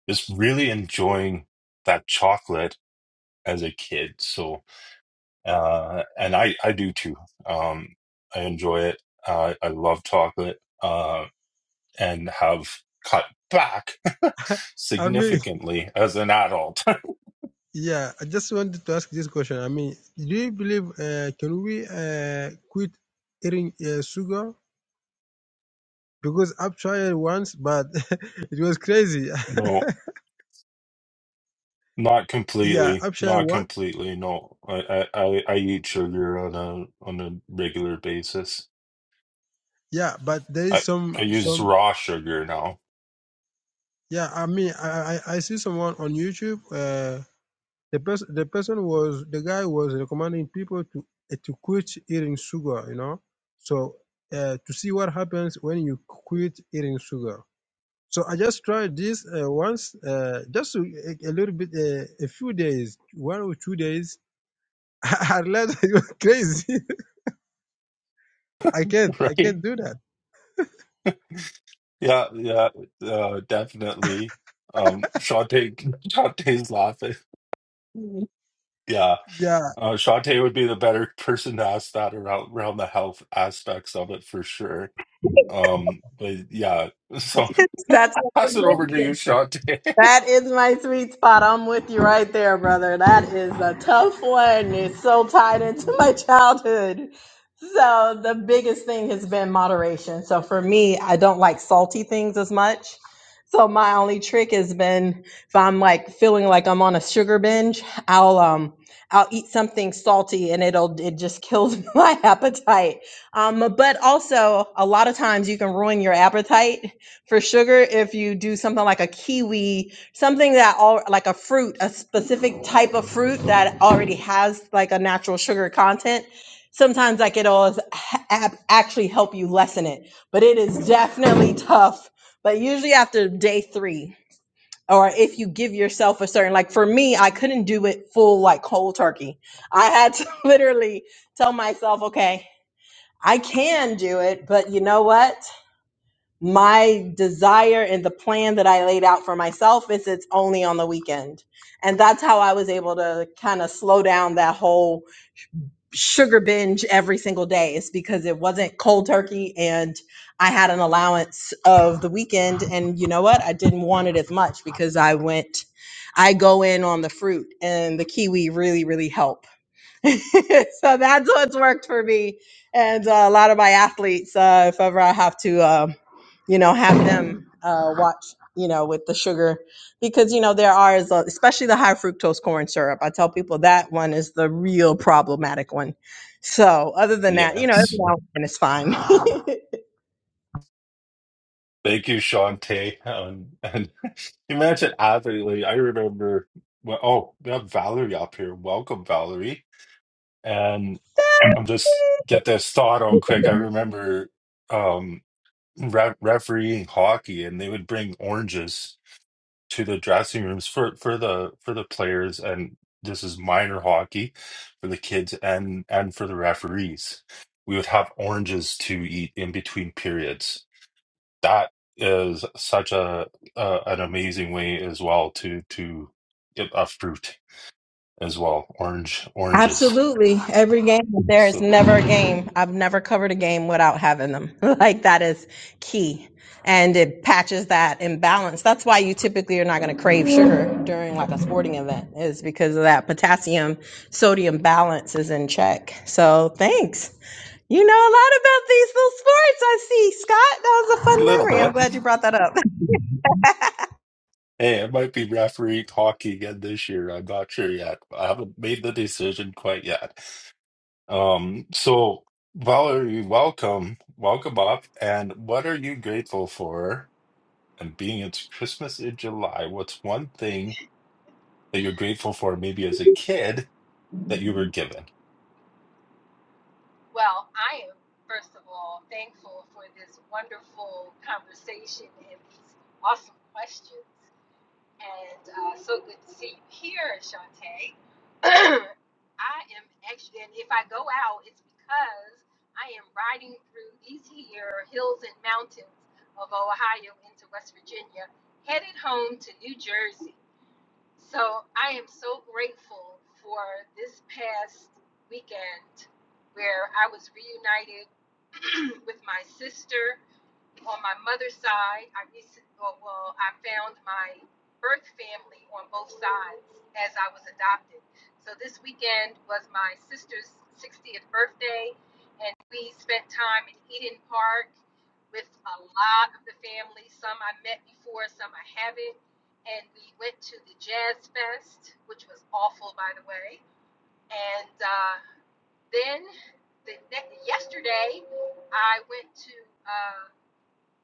Speaker 2: just really enjoying that chocolate as a kid so uh, and i i do too um, i enjoy it uh, i love chocolate Um, and have cut back
Speaker 6: I mean,
Speaker 2: significantly as an adult.
Speaker 6: yeah, I just wanted to ask this question. I mean, do you believe uh, can we uh, quit eating uh, sugar? Because I've tried once, but it was crazy.
Speaker 2: no, not
Speaker 6: yeah,
Speaker 2: completely,
Speaker 6: I've tried
Speaker 2: not
Speaker 6: one.
Speaker 2: completely. No, I I I I eat sugar on a on a regular basis.
Speaker 6: Yeah, but there is
Speaker 2: I I
Speaker 6: some
Speaker 2: use
Speaker 6: some.
Speaker 2: raw sugar now,
Speaker 6: Yeah, I mean, I, I, I see someone on YouTube. Uh, the person the person was the guy was recommending people to eh, to quit eating sugar. You know, so uh, to see what happens when you quit eating sugar. So I just tried this uh, once, uh, just a, a little bit, uh, a few days, one or two days. I realized it was crazy. I can't, I
Speaker 2: right?
Speaker 6: can't do that.
Speaker 2: Yeah, yeah, uh, definitely. Um, Shante, Shante's laughing. Yeah,
Speaker 6: Yeah,
Speaker 2: uh, Shante would be the better person to ask that around around the health aspects of it for sure. Um, but yeah, so
Speaker 1: That's
Speaker 2: pass it over to you, Shante.
Speaker 1: That is my sweet spot. I'm with you right there, brother. That is a tough one. It's so tied into my childhood. So, the biggest thing has been moderation. So, for me, I don't like salty things as much. So, my only trick has been if I'm like feeling like I'm on a sugar binge, I'll, um, I'll eat something salty and it'll it just kills my appetite. Um, but also a lot of times you can ruin your appetite for sugar if you do something like a kiwi, something that all like a fruit, a specific type of fruit that already has like a natural sugar content. Sometimes like it'll as- ha- actually help you lessen it, but it is definitely tough. But usually after day three, or if you give yourself a certain like for me, I couldn't do it full like cold turkey. I had to literally tell myself, okay, I can do it, but you know what? my desire and the plan that I laid out for myself is it's only on the weekend. And that's how I was able to kind of slow down that whole sugar binge every single day is because it wasn't cold turkey and I had an allowance of the weekend. And you know what? I didn't want it as much because I went, I go in on the fruit and the kiwi really, really help. so that's what's worked for me and uh, a lot of my athletes uh, if ever i have to um, you know have them uh, watch you know with the sugar because you know there are is a- especially the high fructose corn syrup i tell people that one is the real problematic one so other than that you know every
Speaker 2: Yes.
Speaker 1: now and then it's fine
Speaker 2: Thank you, Shante. Um, and imagine athlete. I remember, well, oh, we have Valerie up here. Welcome, Valerie. And I'm just get this thought out quick. I remember um, re refereeing hockey, and they would bring oranges. to the dressing rooms for for the for the players and this is minor hockey for the kids and and for the referees we would have oranges to eat in between periods that is such a, a an amazing way as well to to get a fruit as well orange oranges
Speaker 1: Absolutely. Every game, there is
Speaker 2: so
Speaker 1: never a game. I've never covered a game without having them. like that is key. And it patches that imbalance. That's why you typically are not going to crave sugar during like a sporting event is because of that potassium sodium balance is in check. So thanks. You know a lot about these little sports I see, Scott. That was a fun
Speaker 2: little
Speaker 1: memory. I'm
Speaker 2: bit
Speaker 1: glad you brought that up.
Speaker 2: hey it might be referee hockey again this year i'm not sure yet i haven't made the decision quite yet Um, so Valerie, welcome, welcome up. And what are you grateful for? And being it's Christmas in July, what's one thing that you're grateful for, maybe as a kid, that you were given?
Speaker 7: Well, I am, first of all, thankful for this wonderful conversation and these awesome questions. And uh, so good to see you here, Shantae. I am actually, and if I go out, it's because I am riding through these here hills and mountains of Ohio into West Virginia, headed home to New Jersey. So I am so grateful for this past weekend where I was reunited with my sister on my mother's side, I recent, well, well, I found my birth family on both sides as I was adopted. So this weekend was my sister's 60th birthday, and we spent time in Eden Park with a lot of the family. Some I met before, some I haven't. And we went to the Jazz Fest, which was awful, by the way. And uh, then the, ne- yesterday, I went to. uh,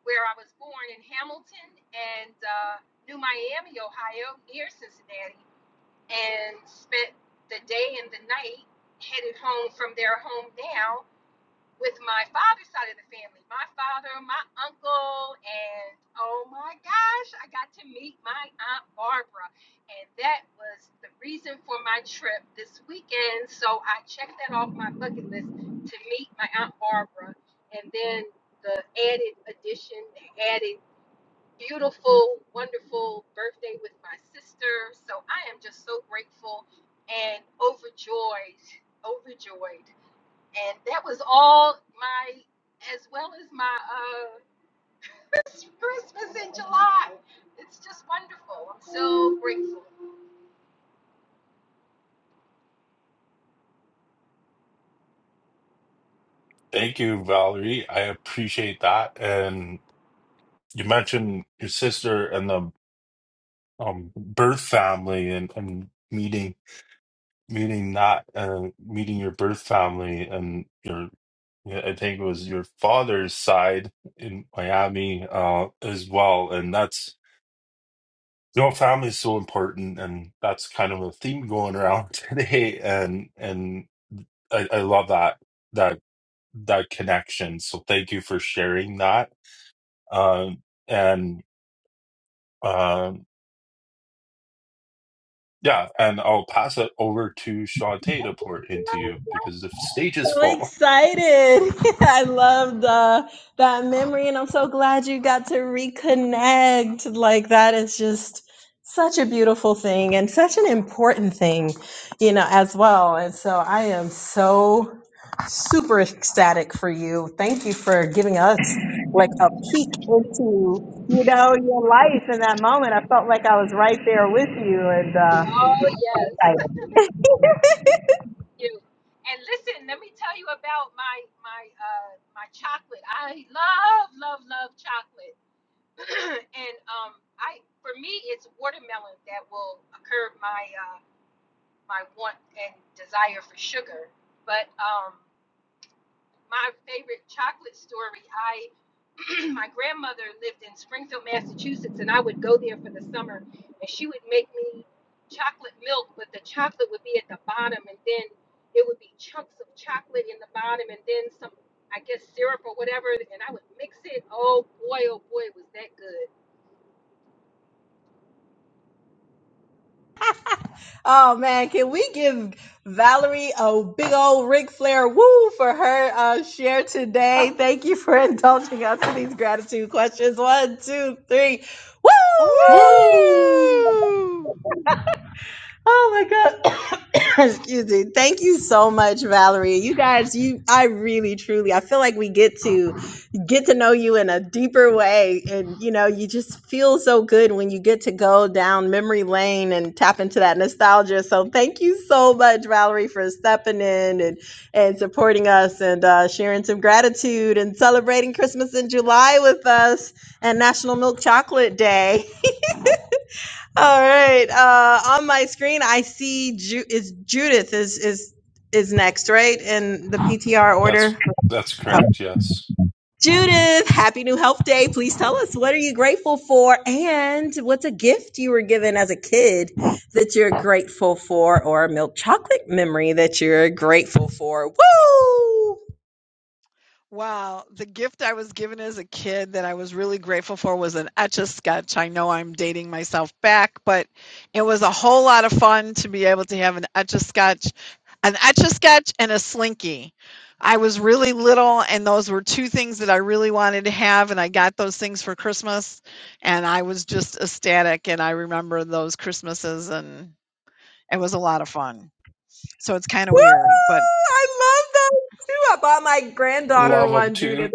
Speaker 7: where I was born in Hamilton and uh, New Miami, Ohio, near Cincinnati, and spent the day and the night headed home from their home now with my father's side of the family, my father, my uncle, and oh my gosh, I got to meet my aunt Barbara, and that was the reason for my trip this weekend. So I checked that off my bucket list to meet my aunt Barbara, and then the added addition, the added beautiful, wonderful birthday with my sister. So I am just so grateful and overjoyed, overjoyed and that was all my as well as my uh Chris- christmas in july it's just wonderful i'm so grateful
Speaker 2: Thank you, Valerie. I appreciate that. And you mentioned your sister and the um, birth family and, and meeting meeting not uh, meeting your birth family and your yeah, I think it was your father's side in Miami uh, as well, and that's you know family is so important, and that's kind of a theme going around today, and and I, I love that that that connection. So thank you for sharing that, um, and um, yeah, and I'll pass it over to Shantae to pour it into you because the stage is
Speaker 1: so
Speaker 2: full.
Speaker 1: excited. I loved uh, that memory, and I'm so glad you got to reconnect. Like, that is just such a beautiful thing and such an important thing, you know, as well. And so I am so super ecstatic for you. Thank you for giving us like a peek into, you know, your life in that moment. I felt like I was right there with you and uh,
Speaker 7: oh yes
Speaker 1: excited.
Speaker 7: thank you and listen let me tell you about my my uh my chocolate i love love love chocolate and um i for me it's watermelon that will curb my uh my want and desire for sugar but um my favorite chocolate story. I my grandmother lived in Springfield, Massachusetts, and I would go there for the summer, and she would make me chocolate milk, but the chocolate would be at the bottom, and then it would be chunks of chocolate in the bottom, and then some, I guess, syrup or whatever, and I would mix it. Oh boy, oh boy, was that good!
Speaker 1: Oh man, can we give Valerie a big old Ric Flair woo for her uh, share today? Thank you for indulging us in these gratitude questions. One, two, three, woo!
Speaker 2: Woo!
Speaker 8: Woo!
Speaker 1: Oh my god. Excuse me. Thank you so much, Valerie. You guys, you I really truly I feel like we get to get to know you in a deeper way and you know, you just feel so good when you get to go down memory lane and tap into that nostalgia. So thank you so much, Valerie, for stepping in and and supporting us and uh, sharing some gratitude and celebrating Christmas in July with us and National Milk Chocolate Day. All right. Uh, on my screen, I see Ju- is Judith is is is next, right? In the PTR
Speaker 2: That's
Speaker 1: order.
Speaker 2: that's correct, yes.
Speaker 1: Judith, happy new health day. Please tell us what are you grateful for and what's a gift you were given as a kid that you're grateful for or a milk chocolate memory that you're grateful for. Woo!
Speaker 8: Wow. The gift I was given as a kid that I was really grateful for was an etch a sketch. I know I'm dating myself back, but it was a whole lot of fun to be able to have an etch a sketch, an etch a sketch, and a slinky. I was really little, and those were two things that I really wanted to have, and I got those things for Christmas, and I was just ecstatic. And I remember those Christmases, and it was a lot of fun. So it's kind of
Speaker 1: Woo!
Speaker 8: weird, but
Speaker 1: I love that too. I bought my granddaughter
Speaker 2: Love them
Speaker 1: one,
Speaker 2: too.
Speaker 1: Judith.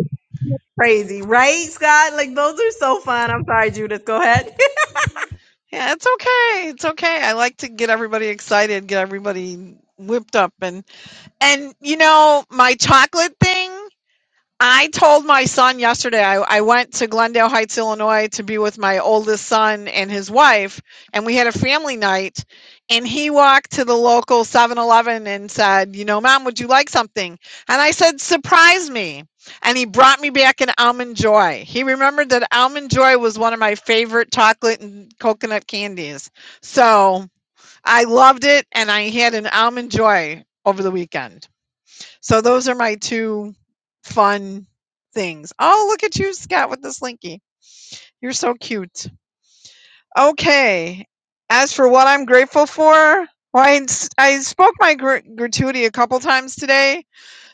Speaker 1: Crazy, right, Scott? Like those are so fun. I'm sorry, Judith. Go ahead.
Speaker 8: Yeah, it's okay. It's okay. I like to get everybody excited, get everybody whipped up and and you know, my chocolate thing. I told my son yesterday, I, I went to Glendale Heights, Illinois to be with my oldest son and his wife, and we had a family night. And he walked to the local Seven Eleven and said, You know, mom, would you like something? And I said, Surprise me. And he brought me back an almond joy. He remembered that almond joy was one of my favorite chocolate and coconut candies. So I loved it, and I had an almond joy over the weekend. So those are my 2 fun things. Oh, look at you, Scott, with the slinky. You're so cute. Okay. As for what I'm grateful for, well, I, s- I spoke my gr- gratuity a couple times today.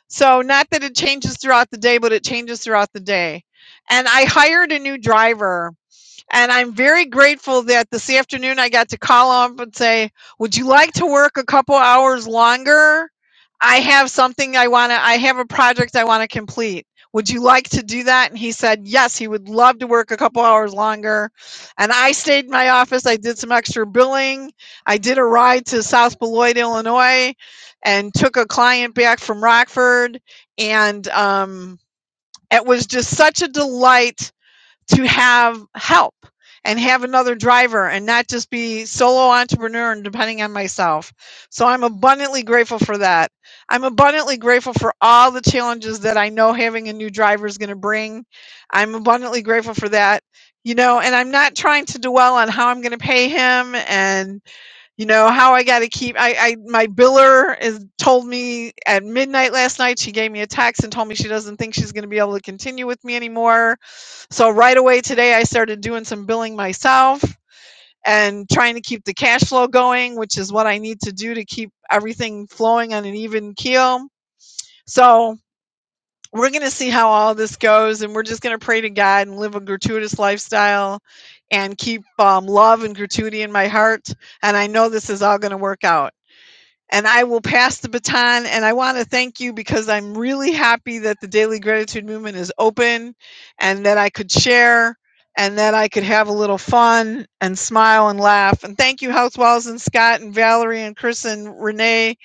Speaker 8: So, not that it changes throughout the day, but it changes throughout the day. And I hired a new driver and I'm very grateful that this afternoon I got to call up and say, Would you like to work a couple hours longer? I have something I want to, I have a project I want to complete. Would you like to do that? And he said, Yes, he would love to work a couple hours longer. And I stayed in my office. I did some extra billing. I did a ride to South Beloit, Illinois, and took a client back from Rockford. And um, it was just such a delight to have help and have another driver and not just be solo entrepreneur and depending on myself. So I'm abundantly grateful for that. I'm abundantly grateful for all the challenges that I know having a new driver is going to bring. I'm abundantly grateful for that. You know, and I'm not trying to dwell on how I'm going to pay him and you know, how I gotta keep I I my biller is told me at midnight last night, she gave me a text and told me she doesn't think she's gonna be able to continue with me anymore. So right away today, I started doing some billing myself and trying to keep the cash flow going, which is what I need to do to keep everything flowing on an even keel. So we're going to see how all this goes, and we're just going to pray to God and live a gratuitous lifestyle and keep um, love and gratuity in my heart. And I know this is all going to work out and I will pass the baton. And I want to thank you because I'm really happy that the Daily Gratitude Movement is open and that I could share and that I could have a little fun and smile and laugh. And thank you, House Walls and Scott and Valerie and Chris and Renee.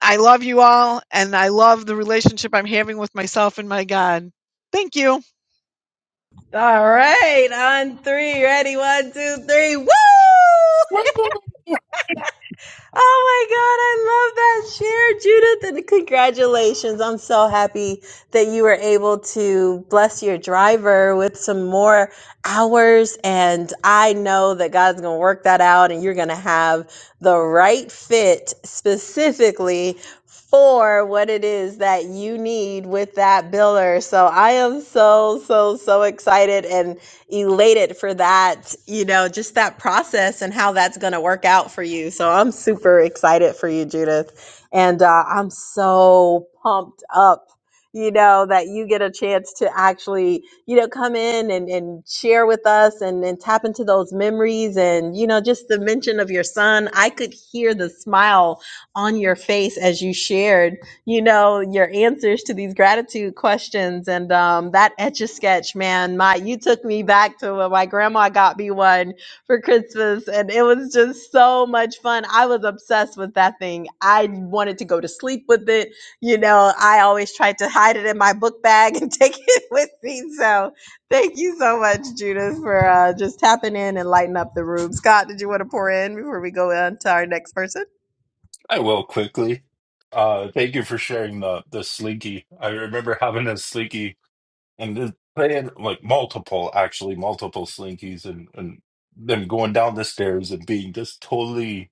Speaker 8: I love you all and I love the relationship I'm having with myself and my God. Thank you.
Speaker 1: All right, on three, ready, one, two, three, woo! Oh my God, I love that share, Judith, and congratulations. I'm so happy that you were able to bless your driver with some more hours. And I know that God's going to work that out and you're going to have the right fit specifically for what it is that you need with that biller. So I am so, so, so excited and elated for that, you know, just that process and how that's going to work out for you. So I'm super excited for you, Judith. And uh, I'm so pumped up, you know, that you get a chance to actually, you know, come in and, and share with us and, and tap into those memories. And, you know, just the mention of your son, I could hear the smile on your face as you shared you know, your answers to these gratitude questions. And um, that etch a sketch, man, my you took me back to when my grandma got me one for Christmas, and it was just so much fun. I was obsessed with that thing. I wanted to go to sleep with it. You know, I always tried to hide it in my book bag and take it with me. So Thank you so much, Judith, for uh, just tapping in and lighting up the room. Scott, did you want to pour in before we go on to our next person?
Speaker 2: I will quickly. Uh thank you for sharing the the slinky. I remember having a slinky and then playing like multiple, actually multiple slinkies and and then going down the stairs and being just totally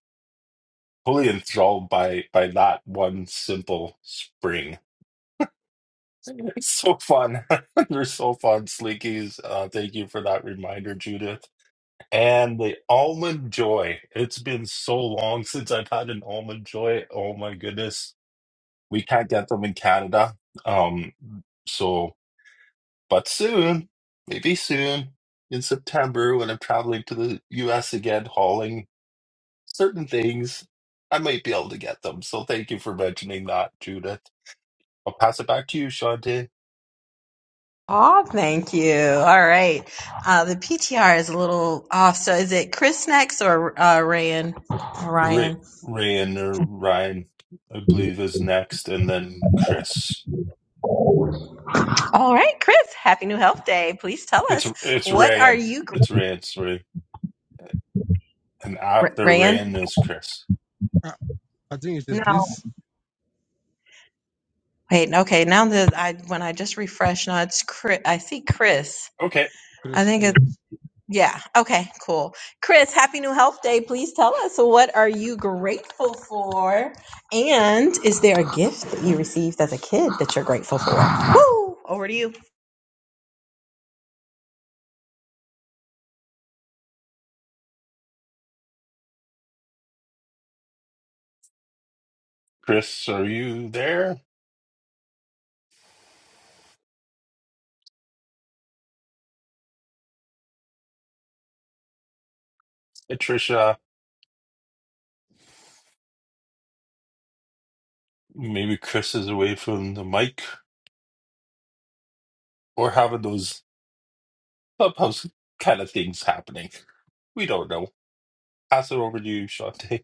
Speaker 2: totally enthralled by by that one simple spring. It's so fun. They're so fun, slinkies. Uh thank you for that reminder, Judith. And the almond joy. It's been so long since I've had an almond joy. Oh my goodness. We can't get them in Canada. Um, so, but soon, maybe soon in September when I'm traveling to the US again, hauling certain things, I might be able to get them. So thank you for mentioning that, Judith. I'll pass it back to you, Shante.
Speaker 1: Oh, thank you. All right. Uh, the PTR is a little off. So is it Chris next or uh, Ryan?
Speaker 2: Ray,
Speaker 1: Ryan.
Speaker 2: Ryan or Ryan, I believe is next, and then Chris.
Speaker 1: All right, Chris. Happy New Health Day. Please tell
Speaker 2: It's
Speaker 1: us
Speaker 2: it's
Speaker 1: what are
Speaker 2: Rayan.
Speaker 1: you,
Speaker 2: It's Ray. It's Ray. And
Speaker 1: Ra-
Speaker 2: after
Speaker 1: Ryan?
Speaker 2: Rayan is Chris.
Speaker 6: I, I think it is
Speaker 1: No.
Speaker 6: Chris.
Speaker 1: Wait, okay. Now that I when I just refresh, now it's Chris. I see Chris.
Speaker 2: Okay,
Speaker 1: I
Speaker 6: Chris,
Speaker 1: think it's
Speaker 6: yes.
Speaker 1: yeah. Okay, cool. Chris, happy new health day. Please tell us what are you grateful for, and is there a gift that you received as a kid that you're grateful for? Woo! Over to you.
Speaker 2: Chris, are you there? Hey, Trisha, maybe Chris is away from the mic or having those clubhouse kind of things happening. We don't know. Pass it over to you, Shante.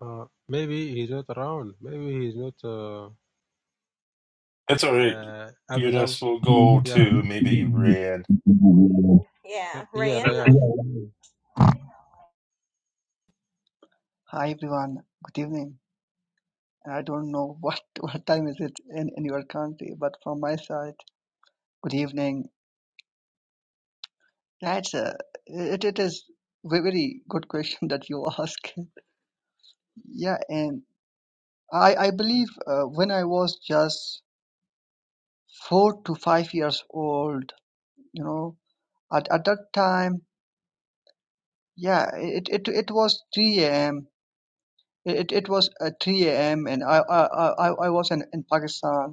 Speaker 6: Uh, maybe he's not around. Maybe he's not. Uh,
Speaker 2: That's all right.
Speaker 6: Uh, I will have,
Speaker 2: Eunice will go
Speaker 6: yeah, m-
Speaker 2: to maybe Rayan.
Speaker 6: uh, yeah, Ryan.
Speaker 9: Hi everyone, good evening. I don't know what what time is it in, in your country, but from my side, good evening. That's a it, it is ve- very good question that you ask. Yeah, and I I believe uh, when I was just four to five years old, you know, at, at that time, yeah, it it it was 3 a.m. It it was uh, 3 a.m. and I I I I I was in in Pakistan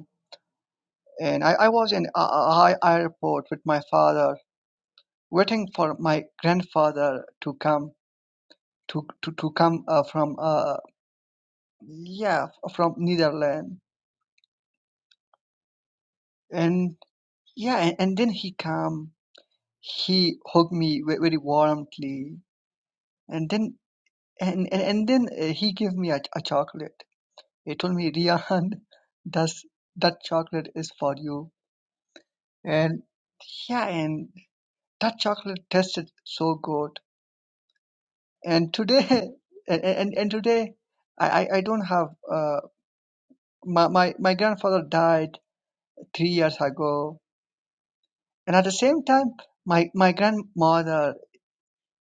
Speaker 9: and I, I was in a a- a- airport with my father, waiting for my grandfather to come to to, to come uh, from uh yeah from Netherlands, and yeah, and, and then he come, he hugged me ve- very warmly, and then and and, and then uh, he gave me a, a chocolate. He told me, Rian, that's that chocolate is for you, and yeah, and that chocolate tasted so good and today and, and, and today I, I I don't have uh, my, my my grandfather died three years ago and at the same time my my grandmother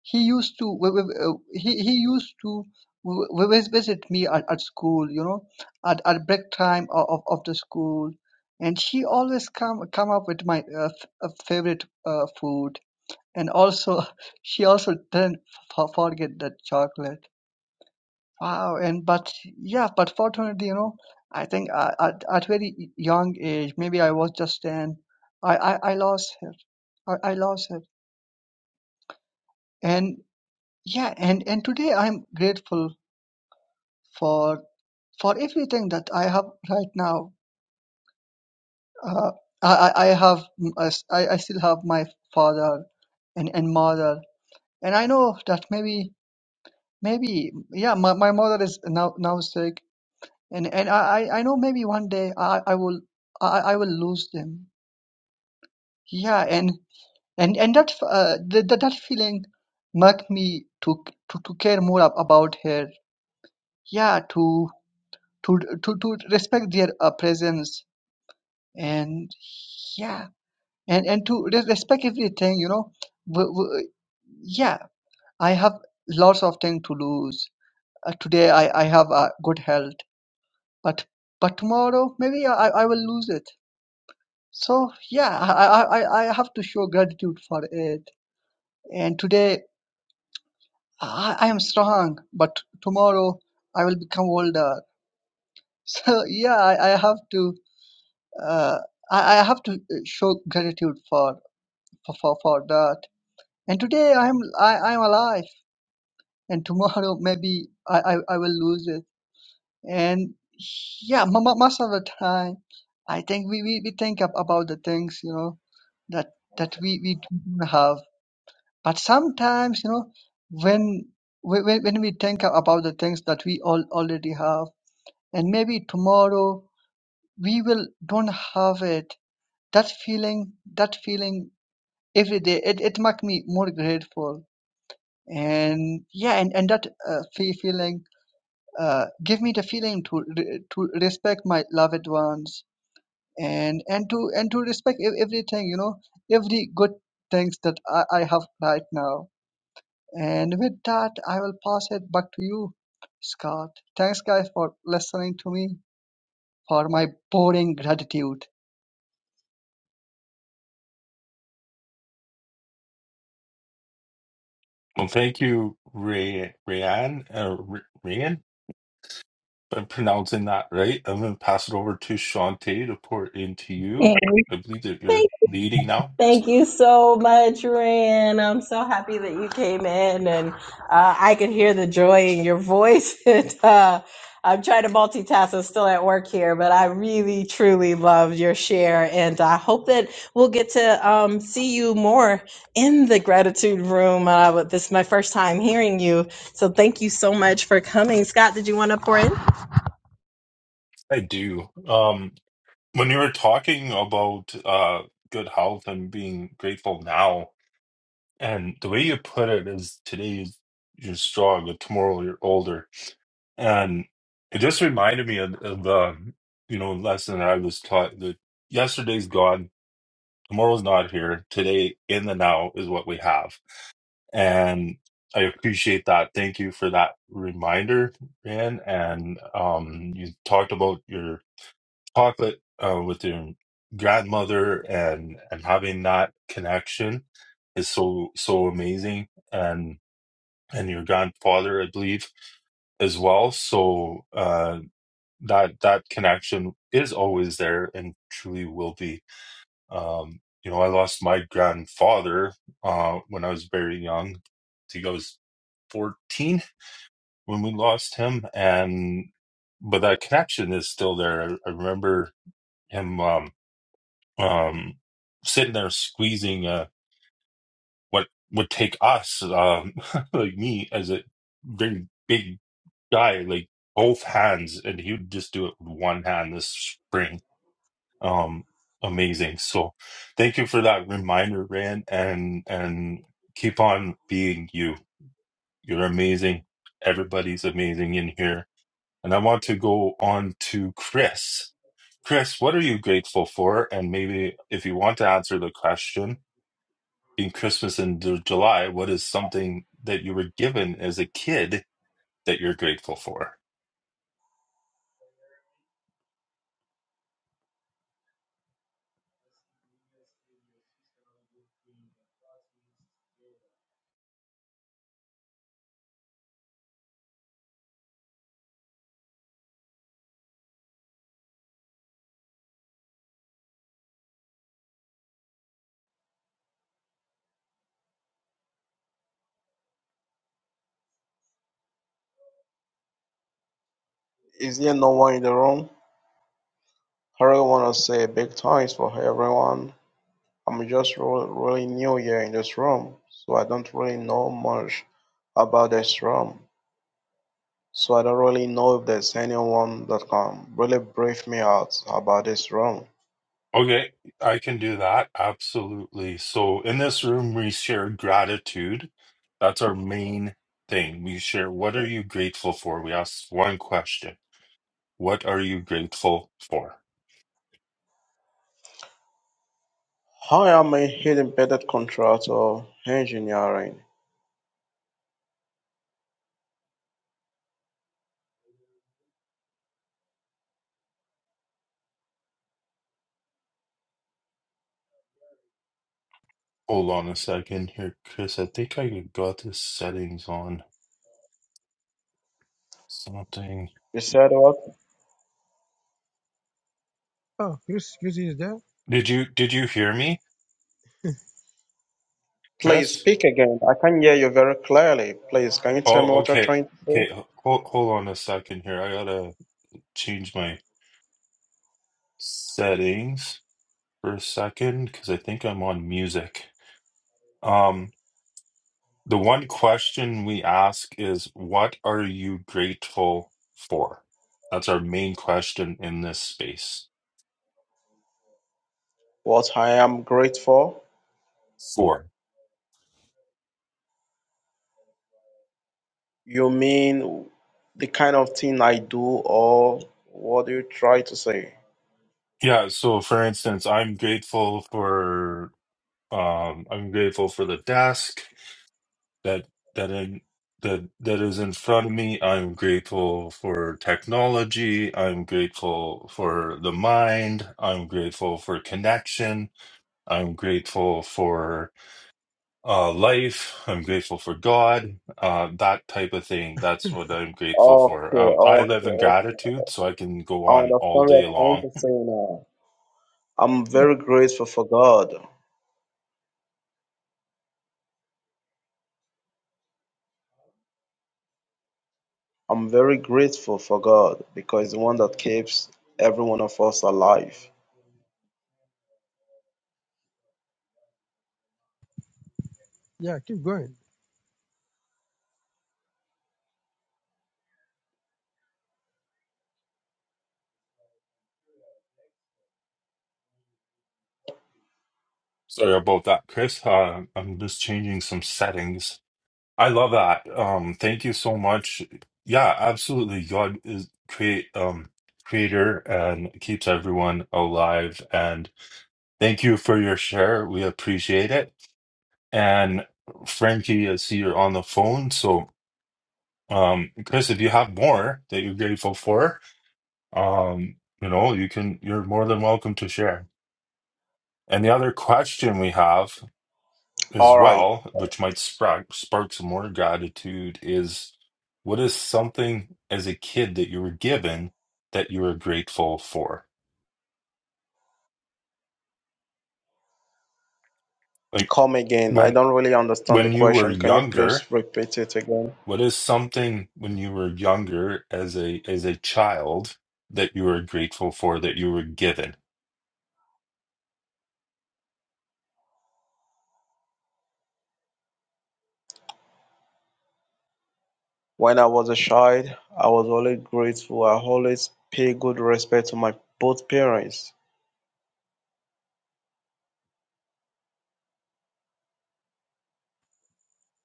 Speaker 9: he used to wi- wi- uh, he, he used to wi- wi- visit me at, at school you know at, at break time of, of, of the school and she always come come up with my uh, f- uh, favorite uh, food and also she also didn't f- forget the chocolate Wow, and but yeah, but fortunately, you know, I think uh, at at very young age, maybe I was just ten. I I, I lost her. I, I lost her, and yeah, and and today I'm grateful for for everything that I have right now. Uh, I I I have mm, I, s- I I still have my father and and mother, and I know that maybe maybe yeah, my, my mother is now now sick and and I I I know maybe one day I I will I I will lose them. Yeah, and and and that uh, the, the, that feeling make me to to to care more ab- about her. Yeah, to to to to respect their uh, presence and yeah, and and to re- respect everything. You know, w- w- yeah, I have lots of things to lose. Uh, today I I have uh, good health, but but tomorrow maybe I I will lose it So yeah, I, I, I I have to show gratitude for it. And today I, I am strong, but tomorrow I will become older. So yeah, I, I have to uh, I, I have to uh, show gratitude for for, for, for that. And today I am I, I am alive, and tomorrow maybe I, I, I will lose it. And yeah, mo- mo- most of the time, I think we, we, we think ab- about the things you know that that we we don't have But sometimes, you know, when when, when we think about the things that we all already have, and maybe tomorrow we will don't have it. That feeling, that feeling every day, it it makes me more grateful. And yeah, and and that uh, fe- feeling uh, give me the feeling to re- to respect my loved ones and and to and to respect ev- everything, you know, every good things that I, I have right now. And with that, I will pass it back to you, Scott. Thanks, guys, for listening to me for my boring gratitude.
Speaker 2: Well, thank you, Ray. Rayan. Uh, R- Rayan. I'm pronouncing that right. I'm going to pass it over to Shantae to pour it into you.
Speaker 1: Hey.
Speaker 2: I believe that you're leading now.
Speaker 1: Thank you so much, Rand. I'm so happy that you came in, and uh, I could hear the joy in your voice. and uh, I'm trying to multitask. I'm still at work here, but I really, truly love your share, and I hope that we'll get to um, see you more in the gratitude room. Uh, but this is my first time hearing you, so thank you so much for coming. Scott, did you want to pour in?
Speaker 2: I do. Um, when you were talking about uh, good health and being grateful now, and the way you put it is today you're strong, but tomorrow you're older. And it just reminded me of, of the you know lesson that I was taught that yesterday's gone, tomorrow's not here. Today in the now is what we have And I appreciate that. Thank you for that reminder, Ryan. And um, you talked about your chocolate uh, with your grandmother and and having that connection is so so amazing. And and your grandfather, I believe, as well. So uh, that that connection is always there and truly will be um, you know, I lost my grandfather uh, when I was very young. I think I was 14 when we lost him, and but that connection is still there. I, I remember him um, um, sitting there squeezing uh, what would take us, um, like me, as a very big guy, like both hands, and he would just do it with one hand. This spring um amazing so thank you for that reminder rand and and keep on being you you're amazing everybody's amazing in here and i want to go on to chris chris what are you grateful for and maybe if you want to answer the question in christmas and july what is something that you were given as a kid that you're grateful for
Speaker 10: Is there no one in the room? I really want to say big thanks for everyone. I'm just really, really new here in this room, so I don't really know much about this room. So I don't really know if there's anyone that can really brief me out about this room.
Speaker 2: Okay, I can do that. Absolutely. So in this room, we share gratitude. That's our main thing. We share what are you grateful for? We ask one question. What are you grateful for?
Speaker 10: I am a head embedded contractor engineering.
Speaker 2: Hold on a second here, Chris. I think I got the settings on something.
Speaker 10: You said what?
Speaker 6: Oh, Chris, Chris is there.
Speaker 2: Did you did you hear me,
Speaker 10: Please
Speaker 2: Chris?
Speaker 10: speak again. I can hear you very clearly. Please, can you tell me
Speaker 2: Oh,
Speaker 10: what you're
Speaker 2: okay.
Speaker 10: trying to say?
Speaker 2: Okay, hold, hold on a second here. I gotta change my settings for a second because I think I'm on music. Um, the one question we ask is, what are you grateful for? That's our main question in this space.
Speaker 10: What I am grateful.
Speaker 2: For.
Speaker 10: You mean the kind of thing I do, or what do you try to say?
Speaker 2: Yeah, so for instance, I'm grateful for um I'm grateful for the desk that that in that that is in front of me. I'm grateful for technology. I'm grateful for the mind. I'm grateful for connection. I'm grateful for uh, life. I'm grateful for God, uh, that type of thing. That's what I'm grateful
Speaker 10: Okay,
Speaker 2: for. Um, I
Speaker 10: okay,
Speaker 2: live in
Speaker 10: okay.
Speaker 2: gratitude, so I can go
Speaker 10: I
Speaker 2: on all
Speaker 10: understand what
Speaker 2: day
Speaker 10: you're
Speaker 2: long.
Speaker 10: trying to say now. I'm very grateful for God. I'm very grateful for God because the one that keeps every one of us alive.
Speaker 6: Yeah, keep going.
Speaker 2: Sorry about that, Chris. Uh, I'm just changing some settings. I love that. Um, thank you so much. Yeah, absolutely. God is create um creator and keeps everyone alive. And thank you for your share. We appreciate it. And Frankie, I see you're on the phone, so. Um, Chris, if you have more that you're grateful for, um, you know, you can, you're more than welcome to share. And the other question we have as
Speaker 10: All right,
Speaker 2: well, which might spark, spark some more gratitude, is what is something as a kid that you were given that you were grateful for? Like
Speaker 10: come again. I
Speaker 2: when,
Speaker 10: don't really understand the
Speaker 2: when you were
Speaker 10: question. Can you
Speaker 2: younger,
Speaker 10: please repeat it again?
Speaker 2: what is something when you were younger as a, as a child that you were grateful for that you were given?
Speaker 10: When I was a child, I was always grateful. I always pay good respect to my both parents.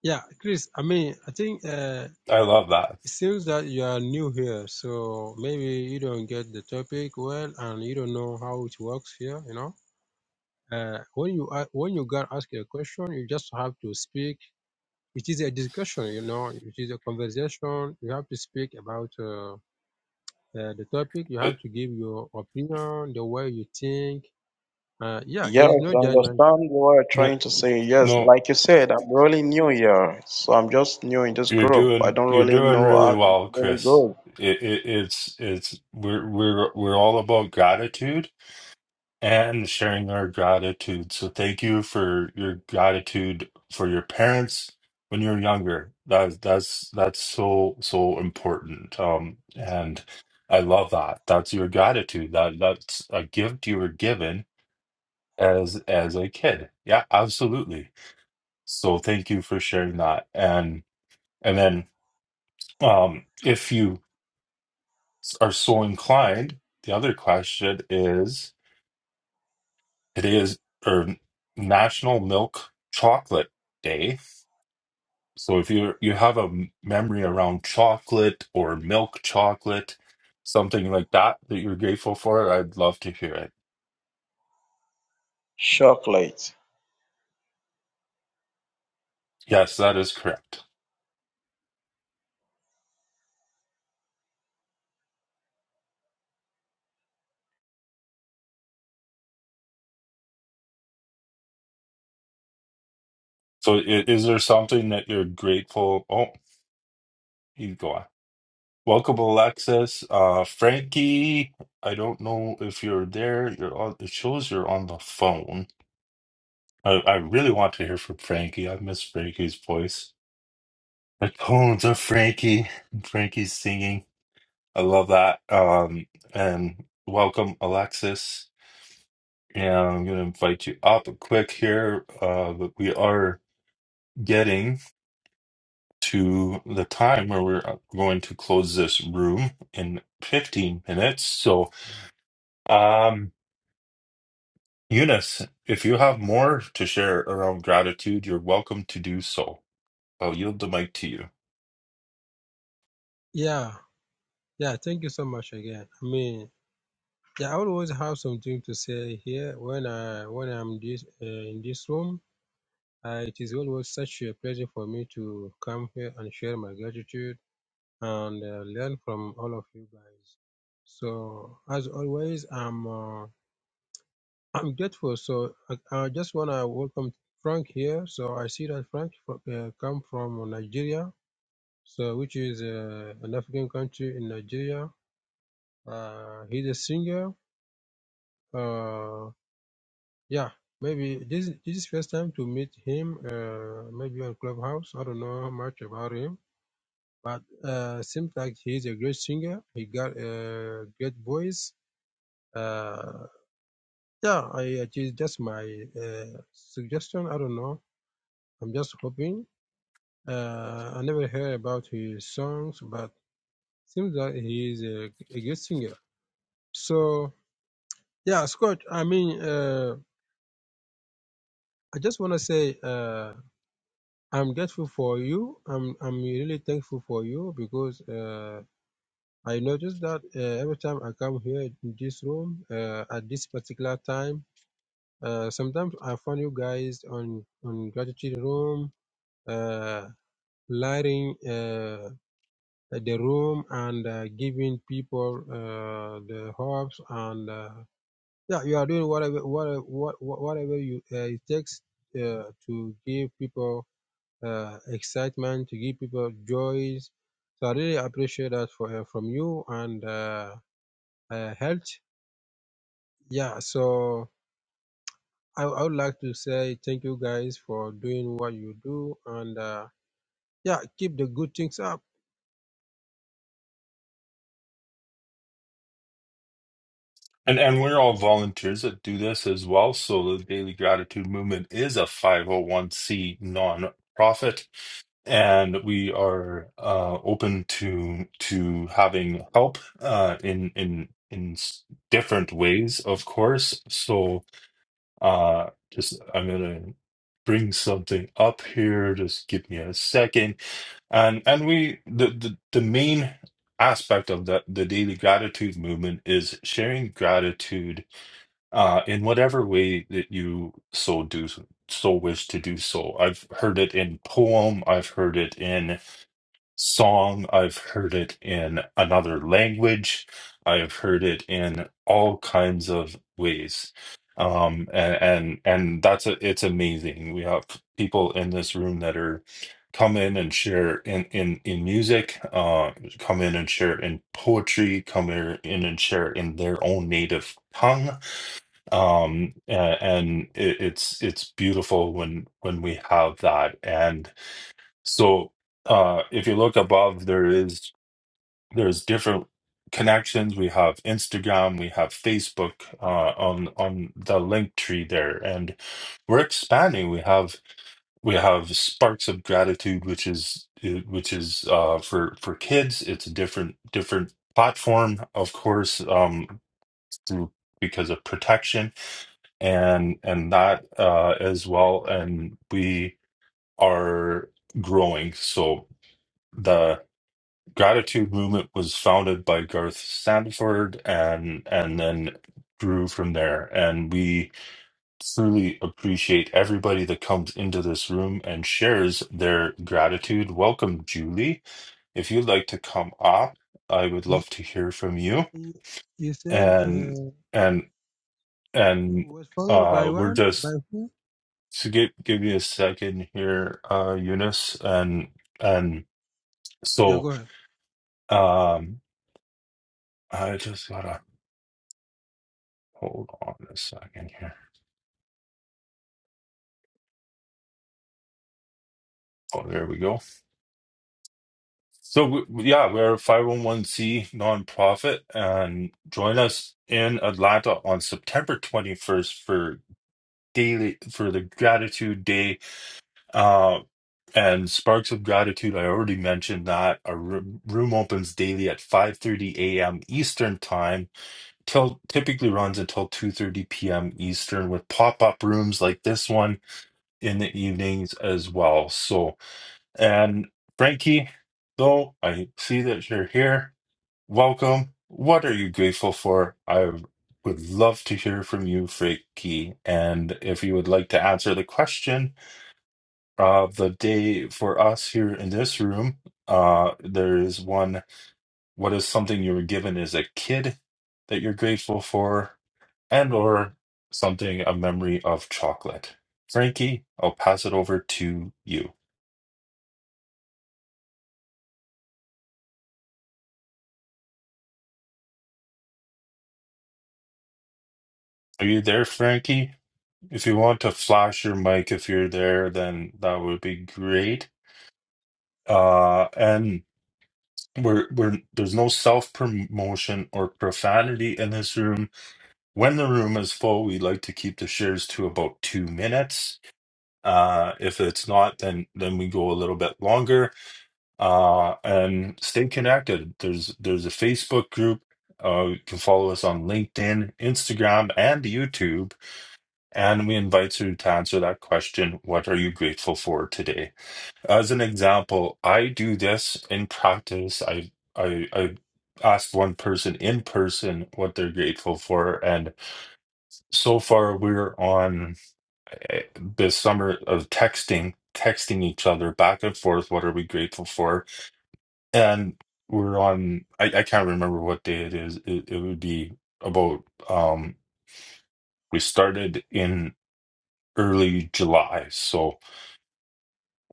Speaker 6: Yeah, Chris. I mean, I think uh,
Speaker 2: I love that.
Speaker 6: it seems that you are new here, so maybe you don't get the topic well, and you don't know how it works here. You know, uh, when you a- when you got asked a question, you just have to speak. It is a discussion, you know. It is a conversation. You have to speak about uh, uh, the topic. You
Speaker 2: Uh,
Speaker 6: have to give your opinion, the way you think. Uh, yeah, there
Speaker 10: Yes,
Speaker 6: is no
Speaker 10: I
Speaker 6: judgment
Speaker 10: understand what you're
Speaker 2: yeah.
Speaker 10: trying to say. Yes,
Speaker 2: No,
Speaker 10: like you said, I'm really new here, so I'm just new in this
Speaker 2: you're
Speaker 10: group. I
Speaker 2: doing
Speaker 10: don't
Speaker 2: you're
Speaker 10: really
Speaker 2: doing
Speaker 10: know
Speaker 2: really
Speaker 10: how to
Speaker 2: well,
Speaker 10: really
Speaker 2: Chris.
Speaker 10: go.
Speaker 2: It, it, it's it's we're we're we're all about gratitude and sharing our gratitude. So thank you for your gratitude for your parents when you're younger. That that's that's so so important. Um, and I love that. That's your gratitude. That that's a gift you were given as as a kid. Yeah, absolutely. So thank you for sharing that. And and then. Um, if you are so inclined, the other question is It is or National Milk Chocolate Day. So if you you have a m- memory around chocolate or milk chocolate, something like that that you're grateful for, I'd love to hear it.
Speaker 10: Chocolate.
Speaker 2: Yes, that is correct. So i- is there something that you're grateful? Oh, you go on. Welcome, Alexis. Uh, Frankie, I don't know if you're there. You're on, it shows you're on the phone. I, I really want to hear from Frankie. I miss Frankie's voice. The tones of Frankie. Frankie's singing. I love that. Um, and welcome, Alexis. And I'm going to invite you up quick here. Uh, but we are getting to the time where we're going to close this room in 15 minutes. So, um, Eunice, if you have more to share around gratitude, you're welcome to do so. I'll yield the mic to you.
Speaker 6: Yeah, yeah, thank you so much again. I mean, yeah, I always have something to say here when I when I'm this uh, in this room. Uh, it is always such a pleasure for me to come here and share my gratitude and uh, learn from all of you guys. So as always, I'm uh, I'm grateful. So I, I just wanna welcome Frank here. So I see that Frank fro- uh, come from Nigeria, so which is uh, an African country in Nigeria. Uh, he's a singer Uh, yeah, maybe this this is first time to meet him. Uh, maybe on Clubhouse. I don't know much about him, but uh, seems like he's a great singer. He got a great voice. Uh, yeah, I it is just my uh, suggestion. I don't know. I'm just hoping. Uh, I never heard about his songs, but seems that he is a, a great singer. So yeah, Scott. I mean, uh, I just want to say. Uh, I'm grateful for you. I'm I'm really thankful for you because uh, I noticed that uh, every time I come here in this room uh, at this particular time, uh, sometimes I find you guys on on gratitude room, uh, lighting uh, the room and uh, giving people uh, the hopes and uh, yeah, you are doing whatever whatever whatever you uh, it takes uh, to give people uh, excitement, to give people joys. So I really appreciate that for, uh, from you and uh, uh, health. Yeah, so I, I would like to say thank you guys for doing what you do and uh, yeah, keep the good things up.
Speaker 2: And and we're all volunteers that do this as well. So the Daily Gratitude Movement is a 501c nonprofit, and we are uh, open to to having help uh, in in in s- different ways, of course. So uh, just I'm gonna bring something up here. Just give me a second. And and we the the, the main aspect of the, the daily gratitude movement is sharing gratitude uh, in whatever way that you so do so wish to do so. I've heard it in poem, I've heard it in song, I've heard it in another language, I've heard it in all kinds of ways. Um, and and, and that's a, it's amazing. We have people in this room that are come in and share in in in music uh come in and share in poetry come here in and share in their own native tongue um a- and it, it's it's beautiful when when we have that and so uh if you look above there is there's different connections we have instagram we have facebook uh on on the link tree there and we're expanding we have we have sparks of gratitude which is which is uh for for kids it's a different different platform of course um through because of protection and and that uh, as well. And we are growing. So the gratitude movement was founded by Garth Sanford, and and then grew from there. And we truly appreciate everybody that comes into this room and shares their gratitude. Welcome, Julie. If you'd like to come up, I would
Speaker 6: You
Speaker 2: love to hear from you.
Speaker 6: you- you said
Speaker 2: And
Speaker 6: uh,
Speaker 2: and
Speaker 6: it
Speaker 2: and
Speaker 6: was followed by
Speaker 2: uh, we're
Speaker 6: what? By
Speaker 2: just
Speaker 6: who?
Speaker 2: to give give you a second here, uh, Eunice, and and
Speaker 6: Yeah,
Speaker 2: so
Speaker 6: go ahead.
Speaker 2: um, I just gotta hold on a second here. Oh, there we go. So we, we- yeah, we're a 501c nonprofit, and join us in Atlanta on September 21st for daily for the Gratitude Day. Uh, and Sparks of Gratitude. I already mentioned that our room room opens daily at 5:30 a.m. Eastern Time till typically runs until 2:30 p.m. Eastern with pop-up rooms like this one in the evenings as well. So, and Frankie, though I see that you're here, welcome. What are you grateful for? I would love to hear from you, Frankie, and if you would like to answer the question of the day for us here in this room, uh there is one, what is something you were given as a kid that you're grateful for? and or something a memory of chocolate. Frankie, I'll pass it over to you. Are you there, Frankie? If you want to flash your mic if you're there, then that would be great. Uh and we're we're there's no self-promotion or profanity in this room. When the room is full, we like to keep the shares to about two minutes. Uh if it's not, then then we go a little bit longer uh, and stay connected. There's there's a Facebook group. Uh, you can follow us on LinkedIn, Instagram, and YouTube. And we invite you to answer that question: What are you grateful for today? As an example, I do this in practice. I I, I asked one person in person what they're grateful for, and so far we're on eh, this summer of texting, texting each other back and forth. What are we grateful for? and we're on I, I can't remember what day it is. It, it would be about um we started in early July, so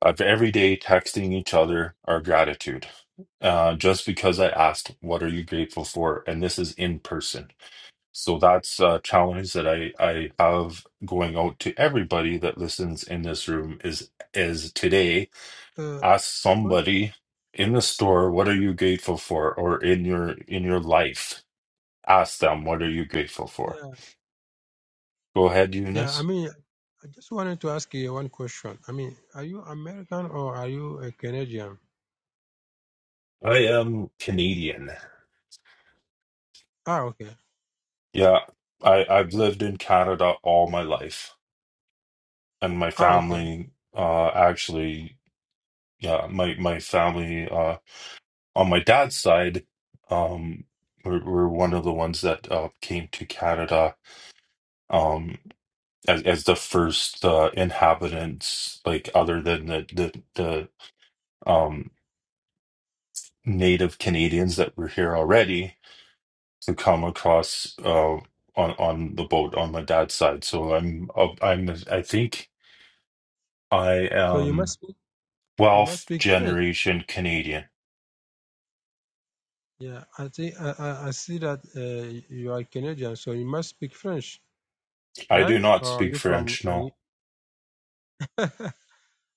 Speaker 2: of every day texting each other our gratitude. Uh just because I asked what are you grateful for and this is in person. So that's a challenge that I I have going out to everybody that listens in this room is is today
Speaker 6: Uh,
Speaker 2: ask
Speaker 6: what?
Speaker 2: somebody in the store what are you grateful for or in your in your life ask them what are you grateful for
Speaker 6: Yeah,
Speaker 2: go ahead
Speaker 6: yeah. I
Speaker 2: eunice
Speaker 6: mean, I just wanted to ask you one question. I mean, are you American or are you a Canadian?
Speaker 2: i am canadian
Speaker 6: Ah, okay.
Speaker 2: yeah i i've
Speaker 6: Yeah.
Speaker 2: lived in canada all my life and my
Speaker 6: Ah, okay.
Speaker 2: family uh actually yeah my my family uh on my dad's side um we're, were one of the ones that uh came to canada um, as as the first uh, inhabitants, like other than the the, the um, native Canadians that were here already, to come across uh, on on the boat on my dad's side. So I'm uh, I'm I think I
Speaker 6: So you
Speaker 2: am
Speaker 6: must speak, you must
Speaker 2: 12th
Speaker 6: speak French.
Speaker 2: generation Canadian.
Speaker 6: Yeah, I think I, I I see that uh, you are Canadian, so you must speak French,
Speaker 2: I do
Speaker 6: right?
Speaker 2: not
Speaker 6: Or
Speaker 2: speak
Speaker 6: you from?
Speaker 2: French.
Speaker 6: Any...
Speaker 2: No,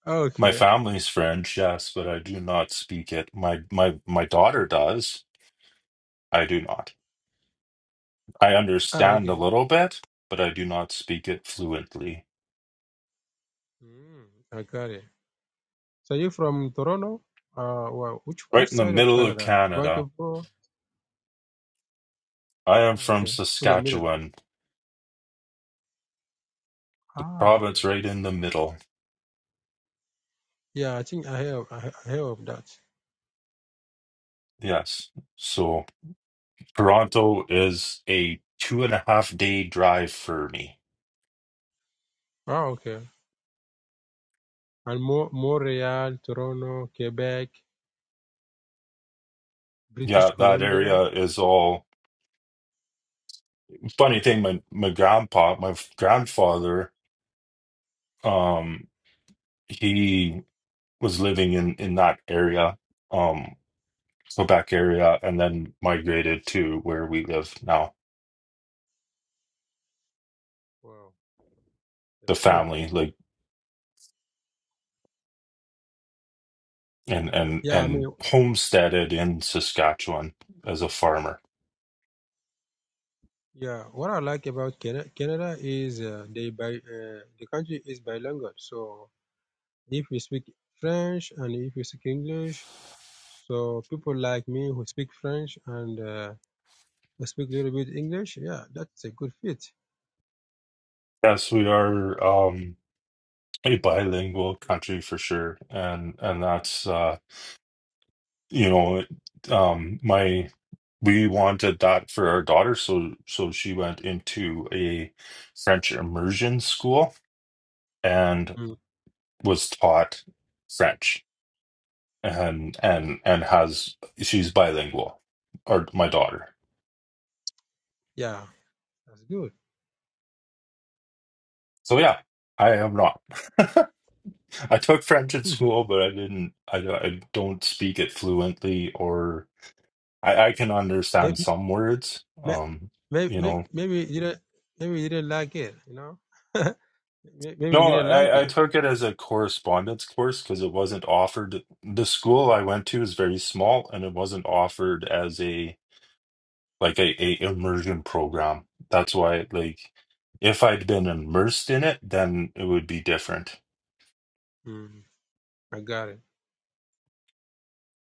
Speaker 6: oh,
Speaker 2: my
Speaker 6: Okay.
Speaker 2: family's French, yes, but I do not speak it. My my my daughter does. I do not. I
Speaker 6: Ah,
Speaker 2: understand a
Speaker 6: okay.
Speaker 2: little bit, but I do not speak it fluently.
Speaker 6: Mm, I got it. So you from Toronto? Uh, well, which
Speaker 2: Right
Speaker 6: which
Speaker 2: in the
Speaker 6: side of
Speaker 2: middle of
Speaker 6: Canada?
Speaker 2: Canada.
Speaker 6: Vancouver.
Speaker 2: I am
Speaker 6: Ah,
Speaker 2: from
Speaker 6: Okay, in the middle.
Speaker 2: Saskatchewan, the
Speaker 6: Ah, okay.
Speaker 2: province right in the middle.
Speaker 6: Yeah, I think I have I have I heard of that.
Speaker 2: Yes. So Toronto is a two and a half day drive for me.
Speaker 6: Ah, okay. And Mo- Montreal, Toronto, Quebec, British
Speaker 2: Yeah, that
Speaker 6: Columbia.
Speaker 2: area is all funny thing, my my grandpa, my f- grandfather, um, he was living in in that area, um, Quebec area, and then migrated to where we live now,
Speaker 6: Wow, that's
Speaker 2: the
Speaker 6: good.
Speaker 2: family, like and and
Speaker 6: Yeah, I mean,
Speaker 2: and homesteaded in Saskatchewan as a farmer.
Speaker 6: Yeah, what I like about Canada, Canada is uh, they by uh, the country is bilingual. So if we speak French and if we speak English, so people like me who speak French and uh, who speak a little bit English, yeah, that's a good fit.
Speaker 2: Yes, we are um, a bilingual country for sure, and and that's uh, you know um, my we wanted that for our daughter, so so she went into a French immersion school and
Speaker 6: Mm.
Speaker 2: was taught French and and and has she's bilingual, or my daughter.
Speaker 6: Yeah, that's good.
Speaker 2: So yeah, I am not. I took French in school, but I didn't. I, don't- I don't speak it fluently, or I, I can
Speaker 6: maybe,
Speaker 2: understand some words. Um,
Speaker 6: maybe,
Speaker 2: you
Speaker 6: maybe
Speaker 2: know,
Speaker 6: maybe you didn't maybe you didn't like it, you know? May- maybe you
Speaker 2: no,
Speaker 6: didn't like
Speaker 2: I, I
Speaker 6: it.
Speaker 2: took it as a correspondence course because it wasn't offered. The school I went to is very small, and it wasn't offered as a like a, a immersion program. That's why, like, if I'd been immersed in it, then it would be different.
Speaker 6: Mm. I got it.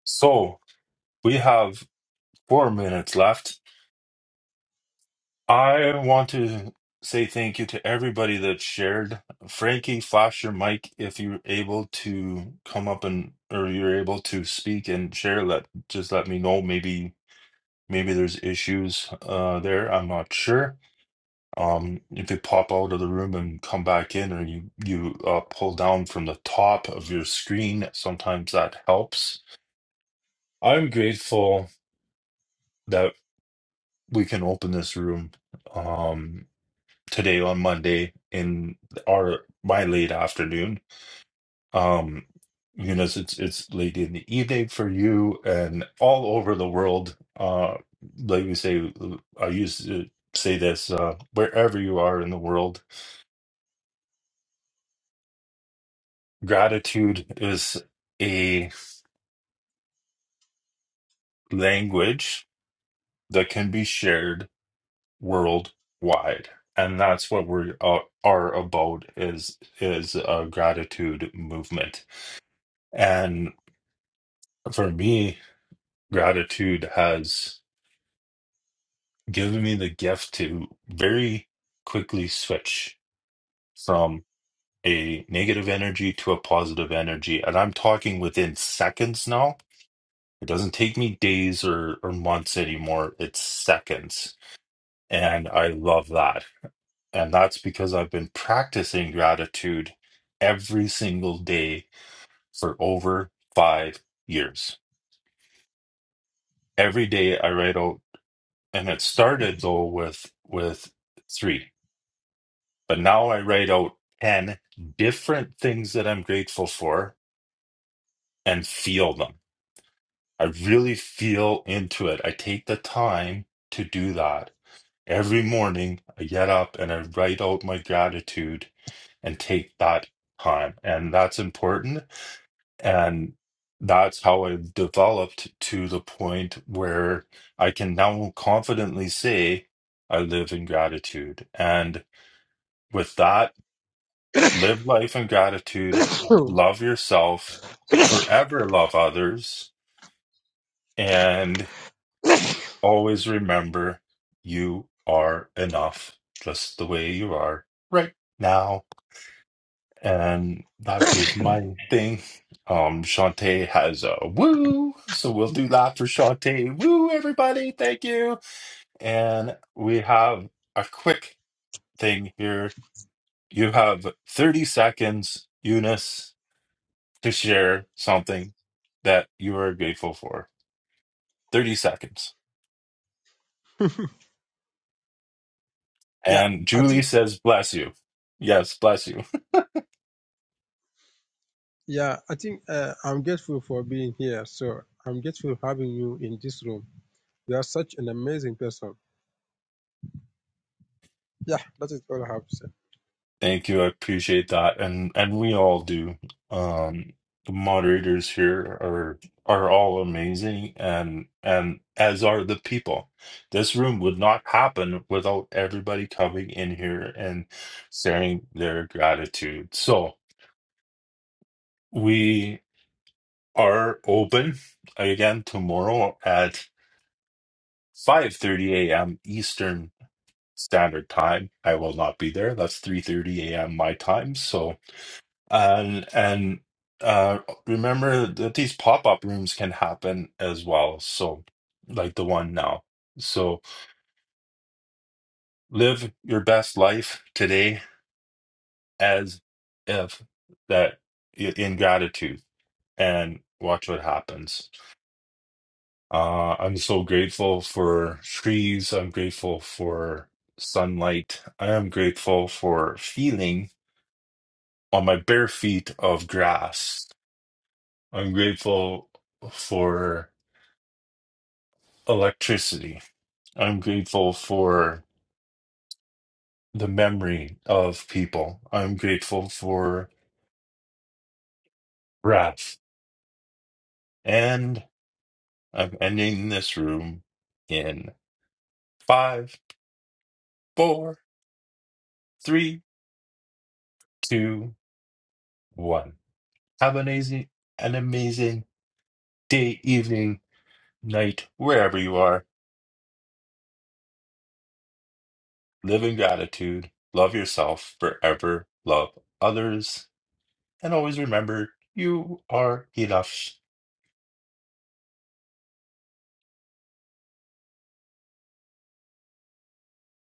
Speaker 2: So we have four minutes left. I want to say thank you to everybody that shared. Frankie, flash your mic if you're able to come up and or you're able to speak and share. Let just let me know. Maybe maybe there's issues uh there. I'm not sure. Um, if you pop out of the room and come back in, or you you uh, pull down from the top of your screen, sometimes that helps. I'm grateful that we can open this room. Um, today on Monday in our my late afternoon. Um, you know, it's it's late in the evening for you and all over the world. Uh, like we say, I used to say this uh, wherever you are in the world, gratitude is a language that can be shared worldwide. And that's what we uh, are about is is a gratitude movement. And for me, gratitude has given me the gift to very quickly switch from a negative energy to a positive energy. And I'm talking within seconds now. It doesn't take me days or, or months anymore, it's seconds. And I love that. And that's because I've been practicing gratitude every single day for over five years. Every day I write out, and it started though with with three. But now I write out 10 different things that I'm grateful for and feel them. I really feel into it. I take the time to do that. Every morning, I get up and I write out my gratitude and take that time. And that's important. And that's how I've developed to the point where I can now confidently say, I live in gratitude. And with that, Live life in gratitude, love yourself, forever love others, and always remember you are enough just the way you are right now. And that is my thing. Um, Shantae has a woo, so we'll do that for Shantae. Woo, everybody, thank you. And we have a quick thing here. You have 30 seconds, Eunice to share something that you are grateful for. 30 seconds.
Speaker 6: yeah,
Speaker 2: And
Speaker 6: I
Speaker 2: Julie
Speaker 6: think.
Speaker 2: says, bless you. Yes, bless you.
Speaker 6: Yeah, I think uh, I'm grateful for being here. So I'm grateful having you in this room. You are such an amazing person. Yeah, that is all I have to say.
Speaker 2: Thank you. I appreciate that. And and we all do. Um the moderators here are are all amazing and and as are the people. This room would not happen without everybody coming in here and sharing their gratitude. So we are open again tomorrow at. 5:30 a.m. Eastern Standard Time. I will not be there. That's 3:30 a.m. my time. So and and uh remember that these pop-up rooms can happen as well. So like the one now. So live your best life today as if that in gratitude and watch what happens. Uh, I'm so grateful for trees. I'm grateful for sunlight. I am grateful for feeling on my bare feet of grass. I'm grateful for electricity. I'm grateful for the memory of people. I'm grateful for breath. And I'm ending this room in five, four, three, two, one. Have an amazing, an amazing day, evening, night, wherever you are. Live in gratitude, love yourself forever, love others, and always remember you are enough.